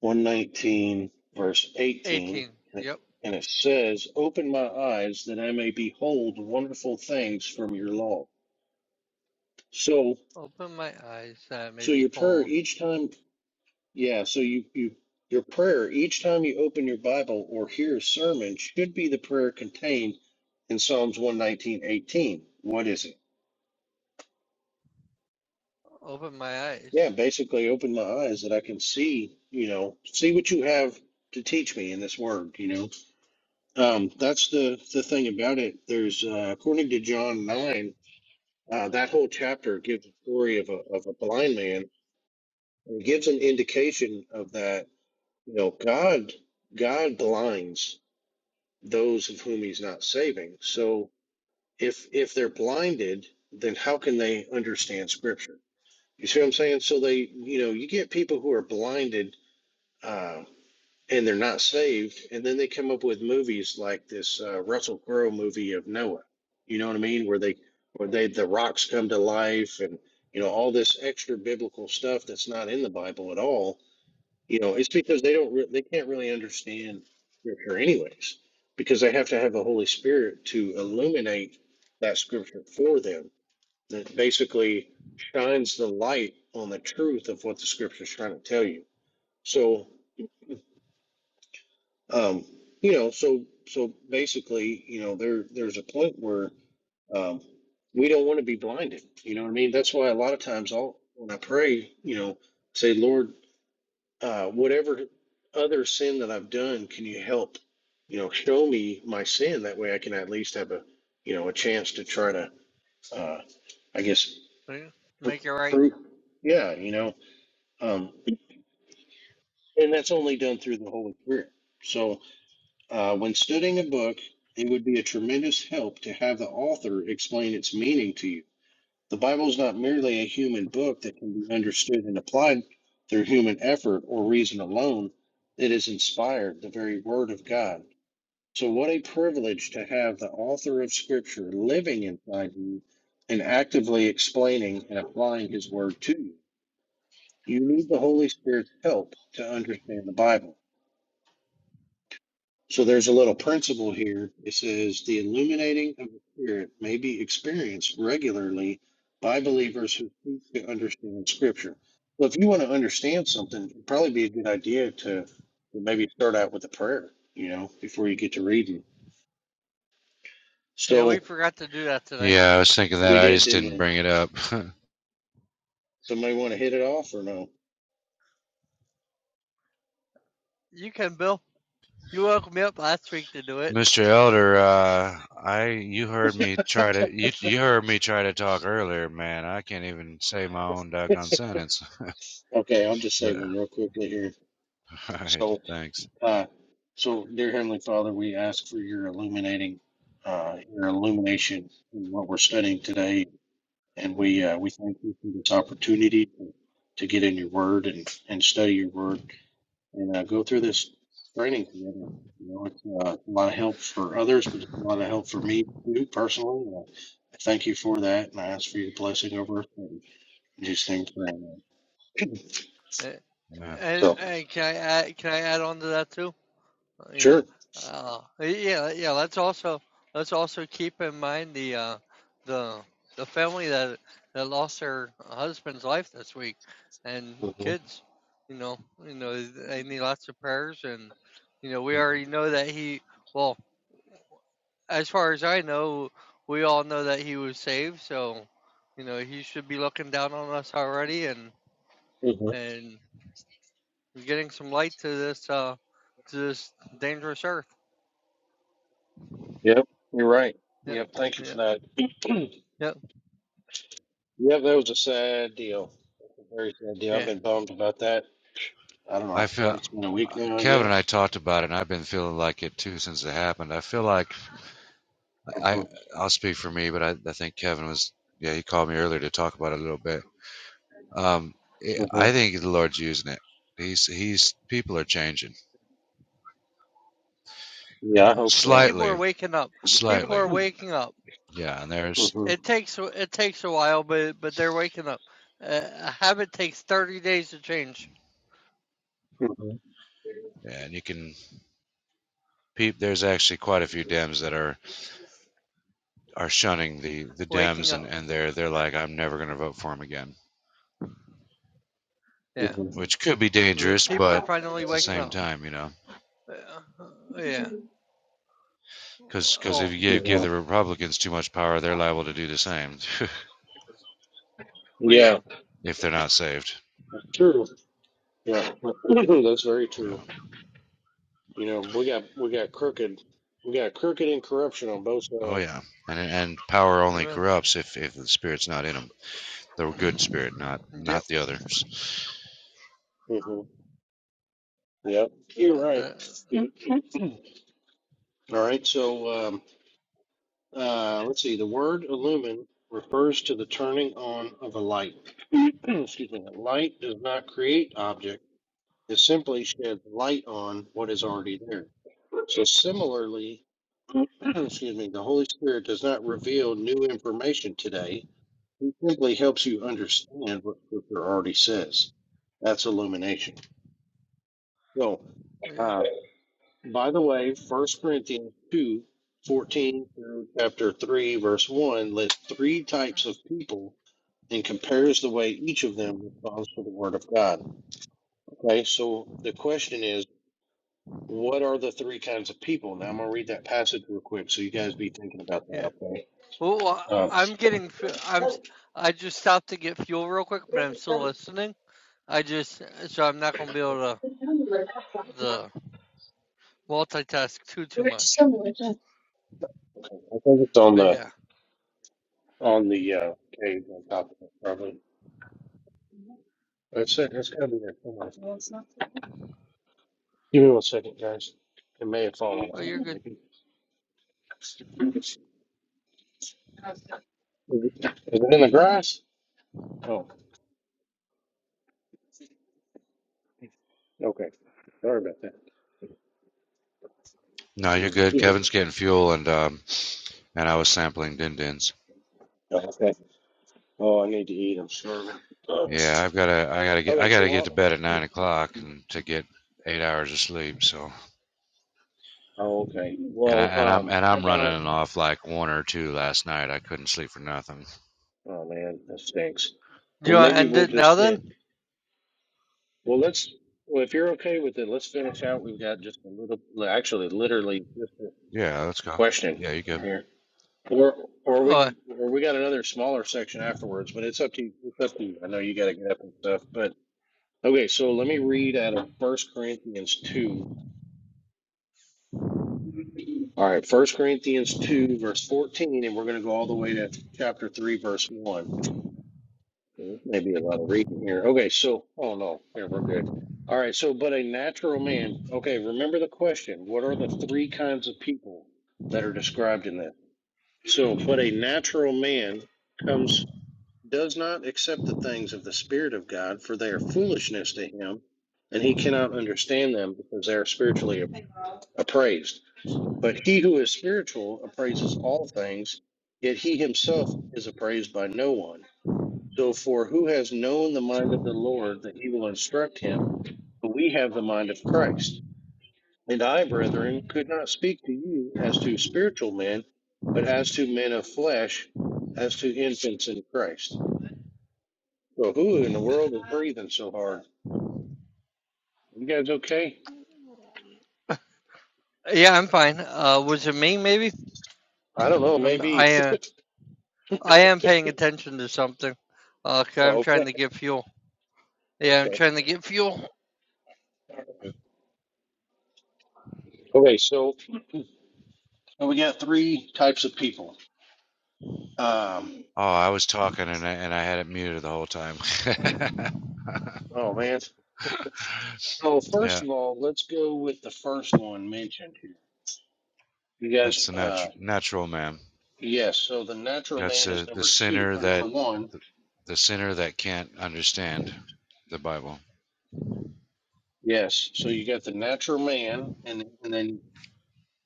S1: 119, verse 18.
S2: 18. Yep.
S1: and it says, Open my eyes that I may behold wonderful things from your law. So,
S2: Open my eyes. Uh,
S1: so
S2: maybe
S1: your prayer
S2: hold.
S1: each time, yeah, so you, you, your prayer each time you open your Bible or hear a sermon should be the prayer contained in Psalms one nineteen eighteen. What is it?
S2: Open my
S1: Yeah,
S2: eyes.
S1: basically open my eyes that I can see, you know, see what you have to teach me in this word, you know. Um, that's the, the thing about it. There's, uh, according to John 9, uh, that whole chapter gives the story of a, of a blind man and gives an indication of that You know, God God blinds those of whom he's not saving. So if if they're blinded, then how can they understand scripture? You see what I'm saying? So they, you know, you get people who are blinded uh and they're not saved, and then they come up with movies like this uh, Russell Crowe movie of Noah. You know what I mean? Where they, where they, the rocks come to life, and you know all this extra biblical stuff that's not in the Bible at all you know, it's because they don't re- they can't really understand scripture anyways, because they have to have the Holy Spirit to illuminate that scripture for them. That basically shines the light on the truth of what the scripture is trying to tell you. So, um, you know, so so basically, you know, there there's a point where um, we don't want to be blinded. You know what I mean? That's why a lot of times I'll when I pray, you know, say, Lord, uh, whatever other sin that I've done, can you help, you know, show me my sin? That way I can at least have a, you know, a chance to try to, uh, I guess,
S2: Mm,
S1: pr-
S2: Make it right.
S1: prove. Yeah, you know, um, and that's only done through the Holy Spirit. So uh, when studying a book, it would be a tremendous help to have the author explain its meaning to you The Bible is not merely a human book that can be understood and applied through human effort or reason alone. It is inspired, the very Word of God. So, what a privilege to have the author of Scripture living inside you and actively explaining and applying His Word to you. You need the Holy Spirit's help to understand the Bible. So there's a little principle here. It says the illuminating of the Spirit may be experienced regularly by believers who seek to understand Scripture. Well, if you want to understand something, it'd probably be a good idea to maybe start out with a prayer, you know, before you get to reading.
S2: Yeah, we
S1: So
S2: forgot to do that today.
S3: yeah. I was thinking that.
S1: we
S3: I
S1: did,
S3: just
S1: didn't
S3: didn't
S1: we?
S3: bring it up,
S1: Somebody want to hit it off or no?
S2: You can, Bill. You woke me up last week to do it.
S3: Mr. Elder. Uh, I you heard me try to you you heard me try to talk earlier, man. I can't even say my own doggone sentence.
S1: Okay, I'll just
S3: all
S1: say one real quickly here.
S3: right,
S1: So.
S3: thanks,
S1: Uh, so, dear Heavenly Father, we ask for your illuminating, uh, your illumination in what we're studying today, and we uh, we thank you for this opportunity to, to get in your Word and and study your Word and uh, go through this training together. You know, it's uh, a lot of help for others, but it's a lot of help for me too personally. And I I thank you for that, and I ask for your blessing over us and just name praying.
S2: Uh,
S3: man.
S2: And,
S1: So,
S2: and can I add, can I add on to that too? you know
S1: sure.
S2: uh yeah yeah let's also let's also keep in mind the uh the the family that that lost their husband's life this week and
S1: Mhm.
S2: kids you know you know they need lots of prayers and you know we already know that he well as far as i know we all know that he was saved so you know he should be looking down on us already and
S1: Mhm.
S2: and getting some light to this uh to this dangerous earth
S1: Yep, you're right.
S2: yeah
S1: Yep, thank you
S2: yeah
S1: for that.
S2: yeah.
S1: Yep, that was a sad deal. A very sad deal. I've
S2: Yeah.
S1: been bummed about that. I don't
S3: I
S1: know.
S3: feel
S1: It's been a week now, I
S3: Kevin and I
S1: guess.
S3: talked about it, and I've been feeling like it too since it happened. I feel like
S1: hmm
S3: I I'll speak for me, but I, I think Kevin was yeah he called me earlier to talk about it a little bit Um, it,
S1: hmm
S3: I think the Lord's using it. He's he's people are changing
S2: Uh,
S1: Yeah, I hope so.
S2: People are
S3: slightly,
S2: waking up. People
S3: slightly.
S2: are waking up.
S3: Yeah, and
S1: hmm
S3: there's
S1: hmm
S2: It takes it takes a while, but but they're waking up. Uh, a habit takes 30 days to change.
S3: yeah, and you can peep. There's actually quite a few Dems that are are shunning the the
S2: Waking
S3: Dems, and
S2: up.
S3: and they're they're like, I'm never going to vote for him again,
S2: Yeah.
S1: hmm
S3: which could be dangerous,
S2: People are
S3: but
S2: finally
S3: at the
S2: waking
S3: same
S2: up.
S3: time, you know.
S2: Uh, yeah.
S3: Because if
S2: Oh,
S3: you give, give
S1: Yeah.
S3: the Republicans too much power, they're liable to do the same
S2: well,
S1: Yeah.
S2: yeah.
S3: if they're not saved.
S1: True. Yeah. That's very
S3: Yeah.
S1: true. You know, we got we got crooked. We got crooked and corruption on both
S3: Oh
S1: sides.
S3: yeah. And and power only corrupts if, if the spirit's not in them. the good spirit, not
S2: Yep.
S3: not the others.
S1: hmm Yep. You're right.
S2: The,
S1: All right. So. um, Uh, let's see. The word illumine refers to the turning on of a light. Excuse me. Light does not create object. It simply sheds light on what is already there. So similarly, excuse me, the Holy Spirit does not reveal new information today. He simply helps you understand what Scripture already says. That's illumination. So,
S2: yeah.
S1: uh, By the way, First Corinthians 2 14 through chapter 3, verse 1 lists three types of people and compares the way each of them responds to the word of God. Okay, so the question is, what are the three kinds of people? Now I'm going to read that passage real quick so you guys be thinking about
S2: Yeah.
S1: that, okay?
S2: Well,
S1: Um,
S2: I-
S1: okay.
S2: am getting. fu- I'm. s- i am I just stopped to get fuel real quick, but I'm still listening. I just so I'm not gonna be able to the multitask too too much.
S1: I think it's on
S2: But
S1: the
S2: yeah.
S1: on the uh, page on top of it, probably. That's it. That's got to be there somewhere. Give me one second, guys. It may have fallen
S2: Oh,
S1: off,
S2: you're good.
S1: maybe. Is it is it in the grass? Oh, okay. Sorry about that.
S3: No, you're
S1: Mm.
S3: good.
S1: yeah.
S3: Kevin's getting fuel, and um, and I was sampling din dins.
S1: Oh, Okay. Oh, I need to eat. I'm starving. Ugh.
S3: Yeah, I've gotta, I gotta get, I
S1: Okay,
S3: gotta
S1: so
S3: get
S1: I'll,
S3: to bed at nine o'clock and to get eight hours of sleep. So,
S1: oh, okay.
S3: and I
S1: Well,
S3: and I'm
S1: um,
S3: and
S1: how
S3: I'm
S1: about?
S3: running off like one or two last night. I couldn't sleep for nothing.
S1: Oh man, that stinks.
S2: Do
S1: Well,
S2: you want to
S1: maybe
S2: end
S1: we'll
S2: it now
S1: just hit.
S2: then?
S1: Well, let's. Well, if you're okay with it, let's finish out. We've got just a little. Actually, literally, just a
S3: Yeah, let's go.
S1: question
S3: Yeah, you good?
S1: here. Or, or we
S2: Oh,
S1: could, or we got another smaller section afterwards, but it's up to you. It's up to you. I know you got to get up and stuff, but. Okay, so let me read out of First Corinthians 2. All right, First Corinthians 2, verse 14, and we're going to go all the way to chapter 3, verse 1. Maybe a lot of reading here. Okay, so, oh no, yeah, we're good. All right, so, but a natural man. Okay, remember the question. What are the three kinds of people that are described in that? So, but a natural man comes, does not accept the things of the Spirit of God, for they are foolishness to him, and he cannot understand them because they are spiritually appraised. But he who is spiritual appraises all things, yet he himself is appraised by no one. So, for who has known the mind of the Lord that he will instruct him? But we have the mind of Christ. And I, brethren, could not speak to you as to spiritual men, but as to men of flesh, as to infants in Christ. So, who in the world is breathing so hard? You guys okay?
S2: yeah, I'm fine. Uh, was it me maybe?
S1: I don't know,
S2: Um,
S1: maybe.
S2: I uh, I am paying attention to something. Uh, i
S1: oh,
S2: I'm trying
S1: okay.
S2: to get fuel. Yeah, I'm
S1: Okay.
S2: trying to get fuel.
S1: Okay, so and we got three types of people Um,
S3: Oh, I was talking and I, and I had it muted the whole time.
S1: oh man. So first
S3: yeah,
S1: of all, let's go with the first one mentioned here. You guys,
S3: that's the
S1: uh,
S3: natural natural man.
S1: yes. So the natural
S3: That's
S1: man is
S3: the the
S1: number two
S3: sinner
S1: or
S3: that
S1: number one.
S3: The sinner that can't understand the Bible.
S1: Yes. So you got the natural man, and and then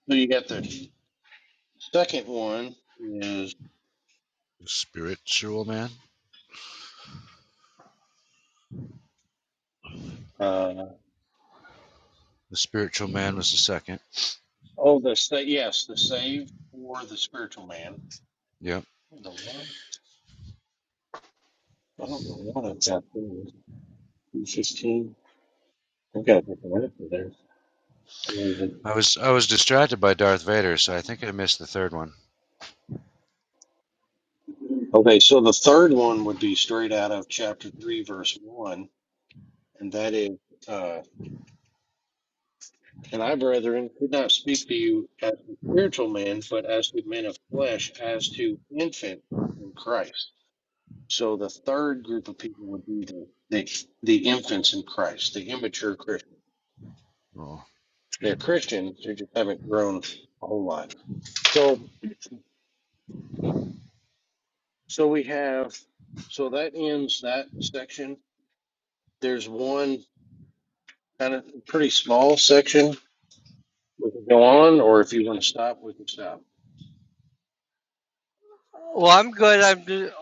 S1: so you got the second one is
S3: The Spiritual man?
S1: uh
S3: The spiritual man was the second.
S1: oh the sa- yes the saved or the spiritual man.
S3: Yep.
S1: I don't know. I don't know. It's out there. Sixteen. I've got a different answer there.
S3: I was I was distracted by Darth Vader, so I think I missed the third one.
S1: Okay, so the third one would be straight out of chapter 3, verse 1, and that is, uh, And I, brethren, could not speak to you as to spiritual men, but as to men of flesh, as to infant in Christ. So the third group of people would be the, the, the infants in Christ, the immature Christians.
S3: Oh.
S1: They're Christians, they just haven't grown a whole lot. So, so we have, so that ends that section. There's one kind of pretty small section We can go on, or if you want to stop, we can stop.
S2: Well, I'm good. I'm just,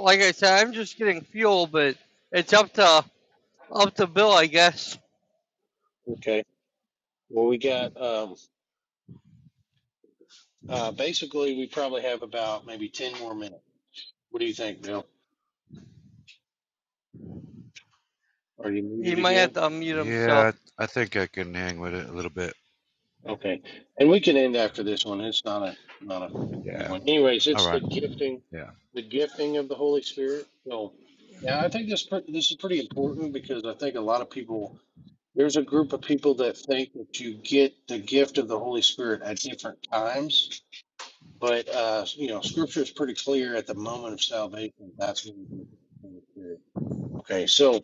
S2: like I said, I'm just getting fuel, but it's up to up to Bill, I guess.
S1: Okay. Well, we got um, uh, basically we probably have about maybe ten more minutes. What do you think, Bill? Are you
S2: He
S1: muted
S2: might have
S1: again?
S2: to unmute
S3: Yeah,
S2: himself.
S3: I think I can hang with it a little bit.
S1: Okay. And we can end after this one. It's not a not a big
S3: Yeah.
S1: one. Anyways,
S3: All
S1: it's the
S3: right.
S1: gifting,
S3: Yeah.
S1: the gifting of the Holy Spirit. So now I think this pre- this is pretty important because I think a lot of people there's a group of people that think that you get the gift of the Holy Spirit at different times But uh, you know, Scripture is pretty clear at the moment of salvation. That's when you get the Holy Spirit. Okay, so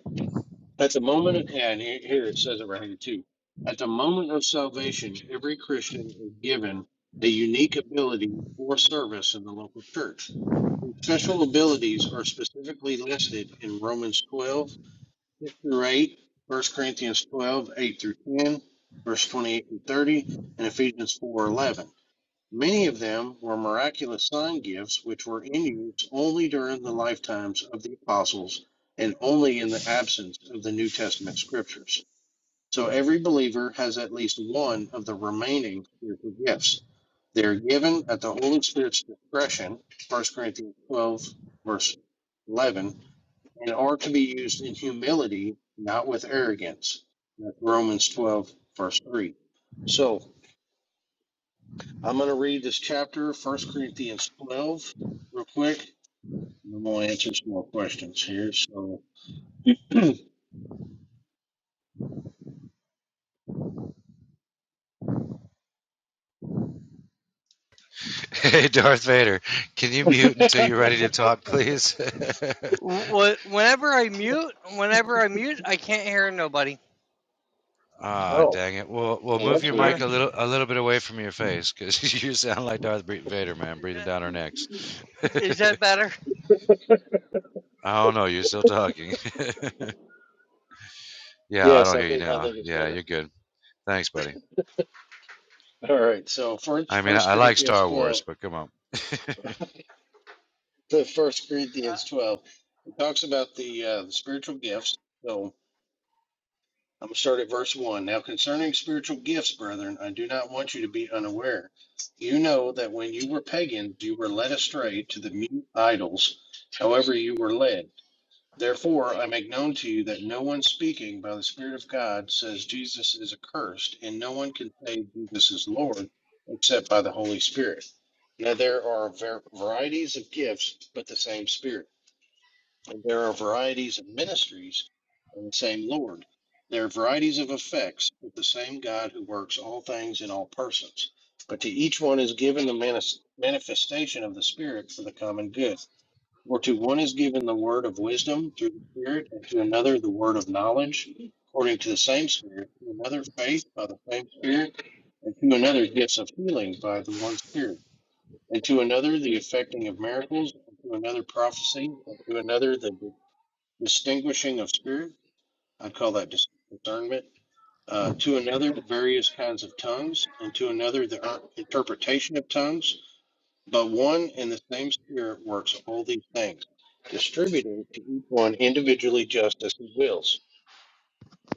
S1: at the moment, of, and he- here it says it right here too. At the moment of salvation, every Christian is given a unique ability for service in the local church. These special abilities are specifically listed in Romans 12, 6 through 8, First Corinthians 12, 8 through 10, verse 28 through 30, and Ephesians 4, 11. Many of them were miraculous sign gifts which were in use only during the lifetimes of the apostles and only in the absence of the New Testament scriptures. So every believer has at least one of the remaining spiritual gifts. They are given at the Holy Spirit's discretion, First Corinthians 12, verse 11, and are to be used in humility, not with arrogance. That's Romans 12, verse 3. So I'm going to read this chapter, 1 Corinthians 12, real quick, and then we'll answer some more questions here. So,
S3: Hey, Darth Vader, can you mute until you're ready to talk, please?
S2: Wh- wh- Whenever I mute, whenever I mute, I can't hear nobody.
S3: ah,
S1: oh,
S3: dang it. Well, well,
S1: well,
S3: move
S1: that's
S3: your
S2: Uh,
S3: mic
S1: weird.
S3: a little, a little bit away from your face, because you sound like Darth Vader, man,
S2: is
S3: breathing
S2: that
S3: down our necks.
S2: is that better?
S3: I don't know. You're still talking. Yeah, I
S1: Yes,
S3: don't
S1: I
S3: hear you
S1: think I
S3: now.
S1: think it's
S3: Yeah,
S1: better.
S3: you're good. Thanks, buddy.
S1: All right. So,
S3: I
S1: first,
S3: mean, I,
S1: First
S3: I like
S1: Corinthians
S3: Star
S1: 12,
S3: Wars, but come on.
S1: the First
S2: Uh,
S1: Corinthians 12, it talks about the uh, the spiritual gifts. So, I'm going to start at verse one. Now, concerning spiritual gifts, brethren, I do not want you to be unaware. You know that when you were pagans, you were led astray to the mute idols. However, you were led. Therefore, I make known to you that no one speaking by the Spirit of God says Jesus is accursed, and no one can say Jesus is Lord except by the Holy Spirit. Now, there are var- varieties of gifts, but the same Spirit. And there are varieties of ministries, and the same Lord. There are varieties of effects, but the same God who works all things in all persons. But to each one is given the manis- manifestation of the Spirit for the common good. For to one is given the word of wisdom through the Spirit, and to another the word of knowledge according to the same Spirit, to another faith by the same Spirit, and to another gifts of healing by the one Spirit, and to another the effecting of miracles, and to another prophecy, and to another the distinguishing of spirit. I call that dis- discernment. Uh, to another various kinds of tongues, and to another the uh, interpretation of tongues. But one and the same Spirit works all these things, distributing to each one individually just as he wills.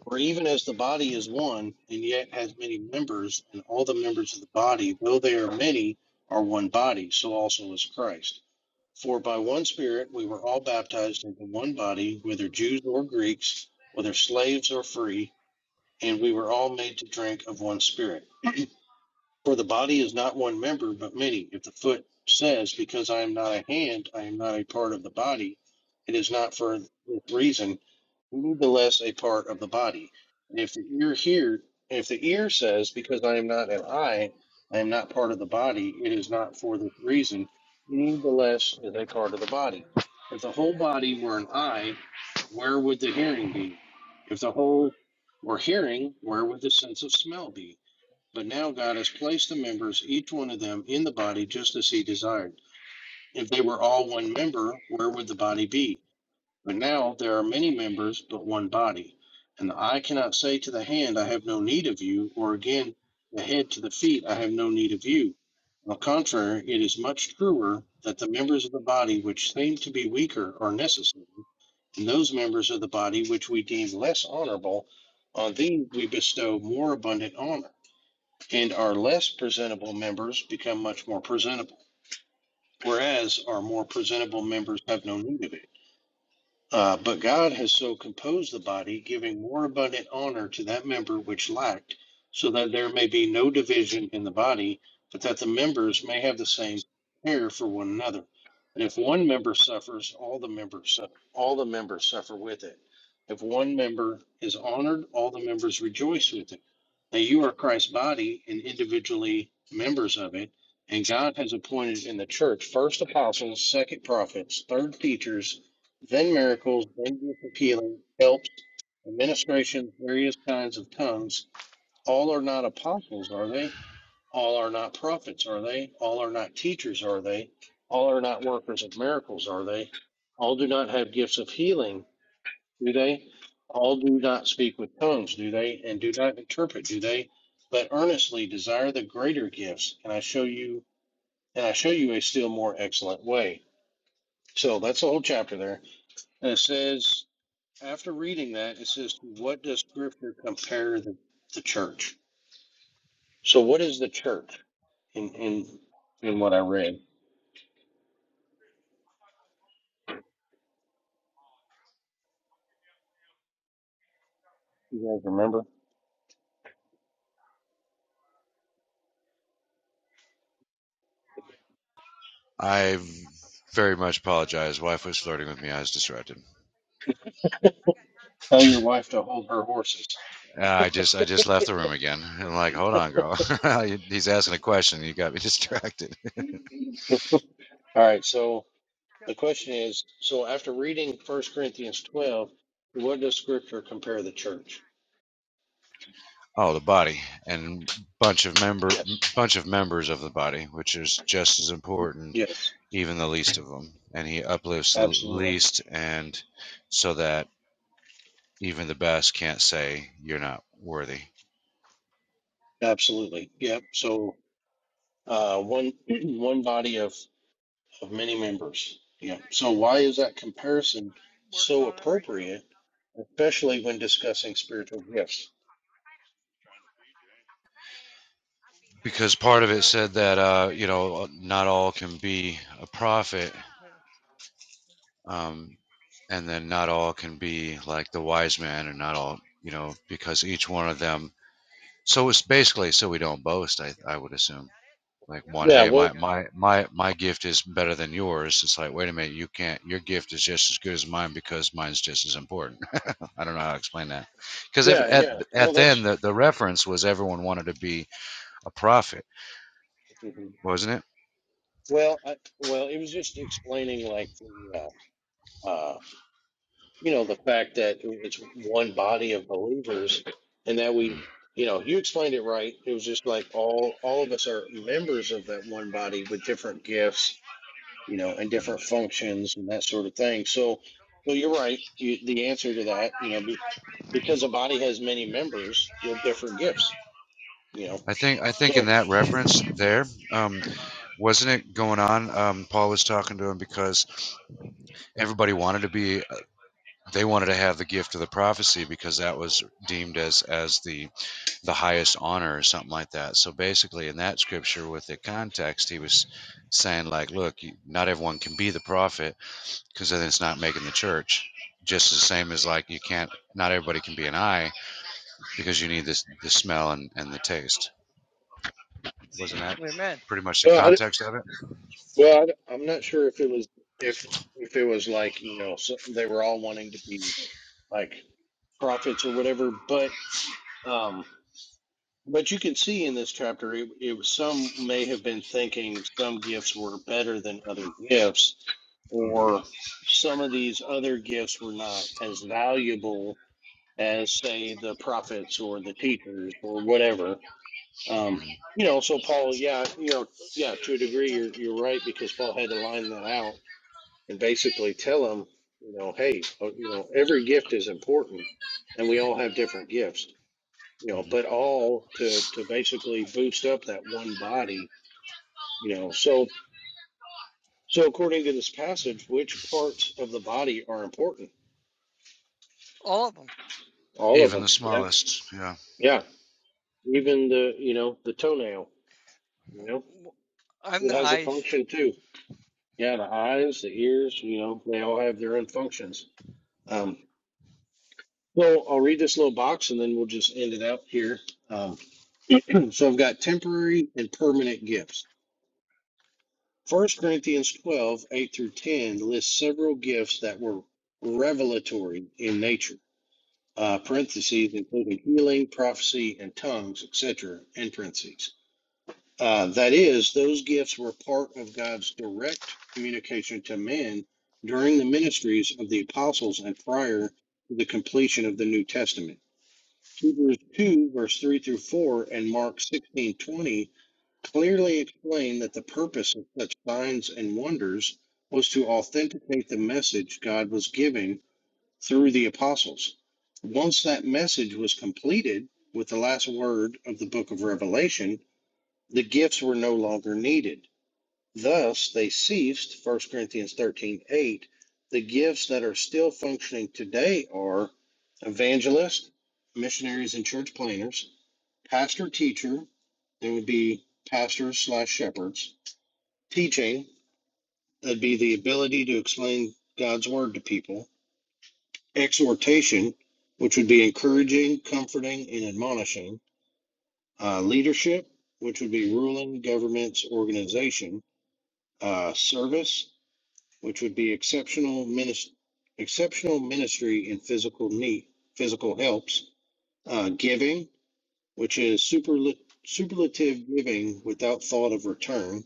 S1: For even as the body is one, and yet has many members, and all the members of the body, though they are many, are one body, so also is Christ. For by one Spirit we were all baptized into one body, whether Jews or Greeks, whether slaves or free, and we were all made to drink of one Spirit. For the body is not one member, but many. If the foot says, Because I am not a hand, I am not a part of the body, it is not for this reason, nevertheless a part of the body. And if the ear here, if the ear says, Because I am not an eye, I am not part of the body, it is not for this reason, nevertheless is a part of the body. If the whole body were an eye, where would the hearing be? If the whole were hearing, where would the sense of smell be? But now God has placed the members, each one of them, in the body just as he desired. If they were all one member, where would the body be? But now there are many members, but one body. And the eye cannot say to the hand, I have no need of you, or again, the head to the feet, I have no need of you. On the contrary, it is much truer that the members of the body which seem to be weaker are necessary, and those members of the body which we deem less honorable, on these we bestow more abundant honor and our less presentable members become much more presentable, whereas our more presentable members have no need of it. Uh, but God has so composed the body, giving more abundant honor to that member which lacked, so that there may be no division in the body, but that the members may have the same care for one another. And if one member suffers, all the members su- all the members suffer with it. If one member is honored, all the members rejoice with it. Now you are Christ's body and individually members of it. And God has appointed in the church first apostles, second prophets, third teachers, Zen miracles, dangerous of healing, helps, administrations, various kinds of tongues. All are not apostles, are they? All are not prophets, are they? All are not teachers, are they? All are not workers of miracles, are they? All do not have gifts of healing, do they? All do not speak with tongues, do they? And do not interpret, do they? But earnestly desire the greater gifts, and I show you, and I show you a still more excellent way. So that's the whole chapter there. And it says after reading that, it says, what does scripture compare the, the church? So what is the church in, in in what I read? You guys remember?
S3: I very much apologize. Wife was flirting with me. I was distracted.
S1: Tell your wife to hold her horses.
S3: Uh, I just I just left the room again. And like, hold on, girl. He's asking a question. You got me distracted.
S1: All right, so the question is, so after reading First Corinthians twelve, what does scripture compare the church?
S3: Oh, the body and bunch of member
S1: Yes.
S3: bunch of members of the body, which is just as important,
S1: Yes,
S3: even the least of them. And he uplifts the
S1: absolutely.
S3: least, and so that even the best can't say you're not worthy
S1: Absolutely. Yep. So uh one one body of of many members. Yeah. So why is that comparison so appropriate, especially when discussing spiritual gifts?
S3: because part of it said that uh, you know uh, not all can be a prophet, um, and then not all can be like the wise man, and not all you know because each one of them. So it's basically so we don't boast. I I would assume like one,
S1: Yeah.
S3: hey,
S1: Well.
S3: my my my my gift is better than yours. It's like wait a minute, you can't. Your gift is just as good as mine because mine's just as important. I don't know how to explain that because
S1: Yeah.
S3: at
S1: Yeah. No,
S3: at then
S1: that's
S3: the the reference was everyone wanted to be a prophet, wasn't
S1: well. I, well, it was just explaining like the, uh, uh, you know the fact that it's one body of believers, and that
S3: it?
S1: we you know you explained it right. It was just like all all of us are members of that one body with different gifts you know, and
S3: Mm,
S1: different functions and that sort of thing. So, well, you're right. You, the answer to that, you know, be, because a body has many members with different gifts, you know.
S3: I think I think in
S1: So,
S3: that reference there, um, wasn't it going on? Um, Paul was talking to him because everybody wanted to be, they wanted to have the gift of the prophecy because that was deemed as as the the highest honor or something like that. So basically, in that scripture with the context, he was saying like, look, you, not everyone can be the prophet because then it's not making the church. Just the same as like you can't, not everybody can be an eye because you need this the smell and and the taste. Wasn't that
S2: Amen.
S3: pretty much the
S1: well, I,
S3: context of it?
S1: well, I, I'm not sure if it was if if it was like you know so they were all wanting to be like prophets or whatever, but um But you can see in this chapter, it, it was some may have been thinking some gifts were better than other gifts,
S3: Mhm.
S1: or some of these other gifts were not as valuable as, say, the prophets or the teachers or whatever. Um,
S3: Mhm.
S1: you know,
S2: You
S1: so
S2: have
S1: Paul,
S2: two
S1: yeah, you
S2: hours and
S1: know, yeah, to
S2: fifty-eight
S1: a
S2: minutes
S1: degree,
S2: of
S1: you're you're
S2: remaining
S1: right because Paul
S2: drive
S1: had to line that out and basically tell him, you know, hey, uh, you know, every gift is important, and we all have different gifts you know,
S3: Mhm.
S1: but all to to basically boost up that one body, you know. So so according to this passage, which parts of the body are important?
S2: time. All of them.
S1: All of
S3: Even
S1: them.
S3: the
S1: Yep.
S3: smallest, yeah.
S1: Yeah. Even the you know the toenail. You know,
S2: I'm
S1: it
S2: the
S1: has a
S2: eyes.
S1: function too. Yeah, the eyes, the ears. You know, they all have their own functions. Um, well, I'll read this little box and then we'll just end it out here. Um, so I've got temporary and permanent gifts. 1 Corinthians 12:8 through 10 lists several gifts that were revelatory in nature, uh, parentheses, including healing, prophecy, and tongues, etc., in parentheses. Uh, that is, those gifts were part of God's direct communication to men during the ministries of the apostles and prior to the completion of the New Testament. Hebrews 2, verse 3 through 4, and Mark 16:20 clearly explained that the purpose of such signs and wonders was to authenticate the message God was giving through the apostles. Once that message was completed with the last word of the book of Revelation, the gifts were no longer needed. Thus, they ceased, First Corinthians 13 8, The gifts that are still functioning today are evangelist, missionaries and church planners, pastor teacher, there would be pastors slash shepherds, Teaching, that'd be the ability to explain God's word to people. Exhortation, which would be encouraging, comforting, and admonishing. Uh, leadership, which would be ruling, governments, organization. Uh, service, which would be exceptional ministry, exceptional ministry in physical need, physical helps. Uh, giving, which is superla- superlative giving without thought of return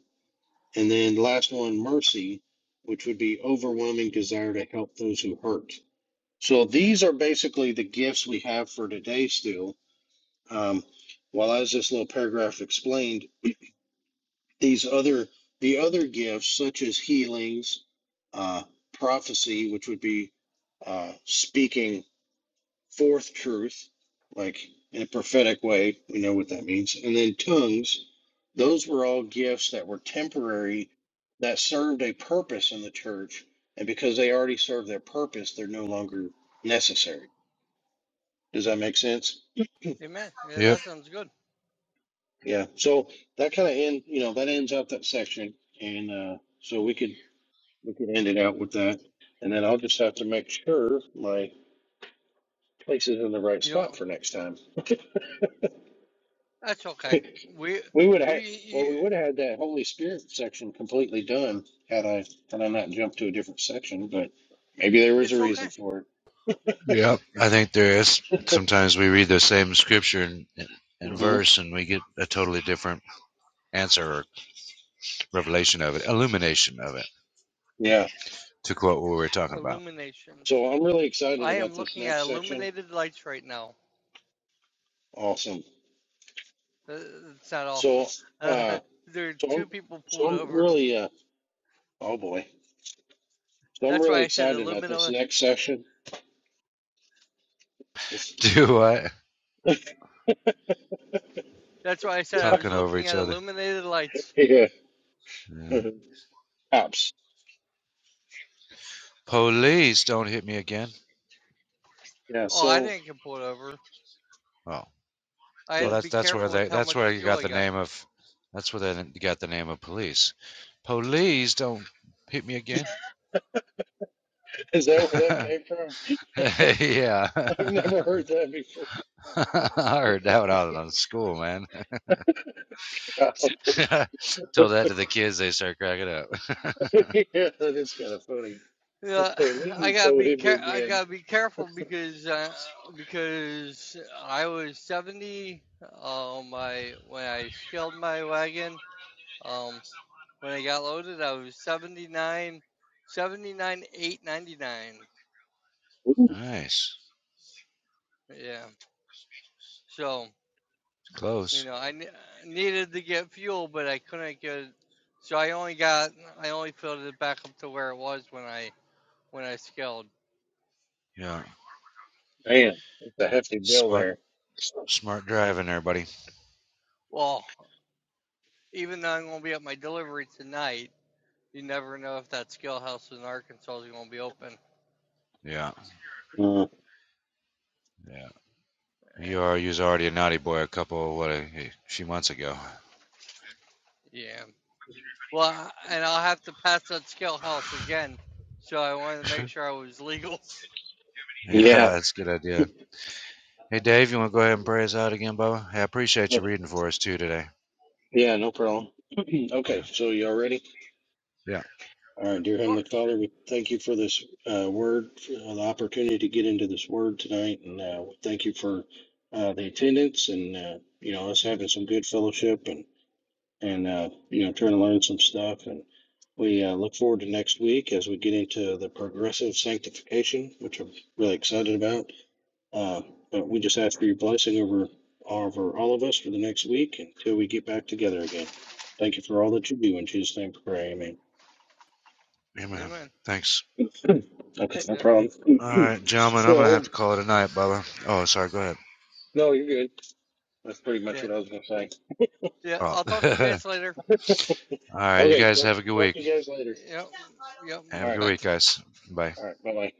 S1: And then the last one, mercy, which would be overwhelming desire to help those who hurt. So these are basically the gifts we have for today still. Um, while as this little paragraph explained, these other the other gifts such as healings, uh, prophecy, which would be uh, speaking forth truth, like in a prophetic way, we know what that means, and then tongues, those were all gifts that were temporary that served a purpose in the church, and because they already served their purpose, they're no longer necessary. Does that make sense?
S2: Amen. Yeah,
S3: Yep,
S2: that sounds good.
S1: Yeah. So that kind of end, you know, that ends out that section, and uh, so we could we could end it out with that, and then I'll just have to make sure my place is in the right
S2: You
S1: spot
S2: know,
S1: for next time.
S2: that's okay.
S1: We
S2: We,
S1: would have
S2: you,
S1: had, well,
S2: you,
S1: we would have had that Holy Spirit section completely done had I had I not jumped to a different section, but maybe there was a
S2: it's okay.
S1: reason for
S3: yep. I think there is. Sometimes we read the same scripture and, and
S1: it. hmm
S3: verse, and we get a totally different answer or revelation of it, illumination of it.
S1: Yeah.
S3: to quote what we were talking about.
S2: Illuminations.
S1: So I'm really excited
S2: I
S1: about
S2: am
S1: this
S2: looking at
S1: next section.
S2: illuminated lights right now.
S1: Awesome.
S2: Uh, It's not
S1: So
S2: awesome. Uh,
S1: uh
S2: there are
S1: so I'm
S2: two people
S1: so
S2: pulled
S1: I'm
S2: over.
S1: really uh oh boy. So I'm
S2: That's why
S1: really
S2: I said
S1: excited about this
S2: illumina.
S1: next section. This
S3: Do what?
S2: That's why I said I was
S3: Talking over
S2: looking
S3: each
S2: at
S3: other.
S2: illuminated lights.
S1: yeah.
S3: Yeah.
S1: Apps.
S3: Police don't hit me again.
S1: Yeah,
S2: Oh, I
S1: so
S2: didn't get pulled over.
S3: Oh,
S2: I
S3: well
S2: had
S1: so
S2: to
S3: that's
S2: be
S3: that's where
S2: careful with
S3: they
S2: how
S3: that's
S2: much
S3: where you
S2: fuel
S3: got
S2: I
S3: the
S2: got.
S3: name of that's where they got the name of police. Police don't hit me again.
S1: is that where that came from? I've
S3: yeah.
S1: never heard that before.
S3: I heard that when I was in school, man.
S1: Yeah.
S3: Told that to the kids, they start cracking up.
S1: yeah, that's kind of funny.
S2: Yeah,
S1: Oh,
S2: I gotta
S1: so
S2: be
S1: hit me
S2: care. I
S1: again.
S2: gotta be careful because uh, because I was seventy. Um, I when I scaled my wagon. Um, when I got loaded, I was 79, 79, 899.
S1: Ooh,
S3: nice,
S2: Yeah. So you
S3: close.
S2: know, I ne- needed to get fuel, but I couldn't get. So I only got. I only filled it back up to where it was when I when I scaled.
S3: Yeah,
S1: man, that's a hefty bill
S3: smart,
S1: there.
S3: smart driving there, buddy.
S2: Well, even though I'm gonna be at my delivery tonight. you never know if that skill house in Arkansas is going to be open.
S3: Yeah,
S1: Uh,
S3: yeah.
S2: And
S3: You are you was already a naughty boy a couple what a a few months ago.
S2: yeah, well, and I'll have to pass that skill house again. So I wanted to make sure I was legal. Of
S3: yeah,
S1: yeah,
S3: that's a good idea. Hey, Dave, you want to go ahead and pray us out again, Bubba? Hey, I appreciate you reading for us too today.
S1: yeah, no problem.
S3: Yeah,
S1: okay, so y'all ready?
S3: yeah.
S1: All right, dear Heavenly
S2: course.
S1: Father, we thank you for this uh, word, for the opportunity to get into this word tonight, and uh, we thank you for uh, the attendance and uh, you know us having some good fellowship and. and uh, you know trying to learn some stuff and we uh, look forward to next week as we get into the progressive sanctification which i'm really excited about uh, but we just ask for your blessing over over all of us for the next week until we get back together again thank you for all that you do in jesus name we pray amen
S3: yeah man.
S2: Amen.
S3: Thanks.
S1: okay no
S2: Yep.
S1: problem
S3: All right, gentlemen,
S2: Yeah.
S3: I'm gonna have
S1: so
S3: to call it a night, Bubba. Oh, sorry. Go ahead.
S1: no you're good that's pretty much
S2: Yeah.
S1: what i was going to say
S2: Yeah.
S3: Oh.
S2: I'll talk to you guys later.
S3: All right, you
S1: okay
S3: guys
S1: talk,
S3: have a good
S1: talk
S3: week.
S1: to you guys later
S2: Yep. Yep.
S1: all
S3: Have a
S1: right
S3: good
S2: Bye.
S3: week, guys. Bye.
S1: all right bye-bye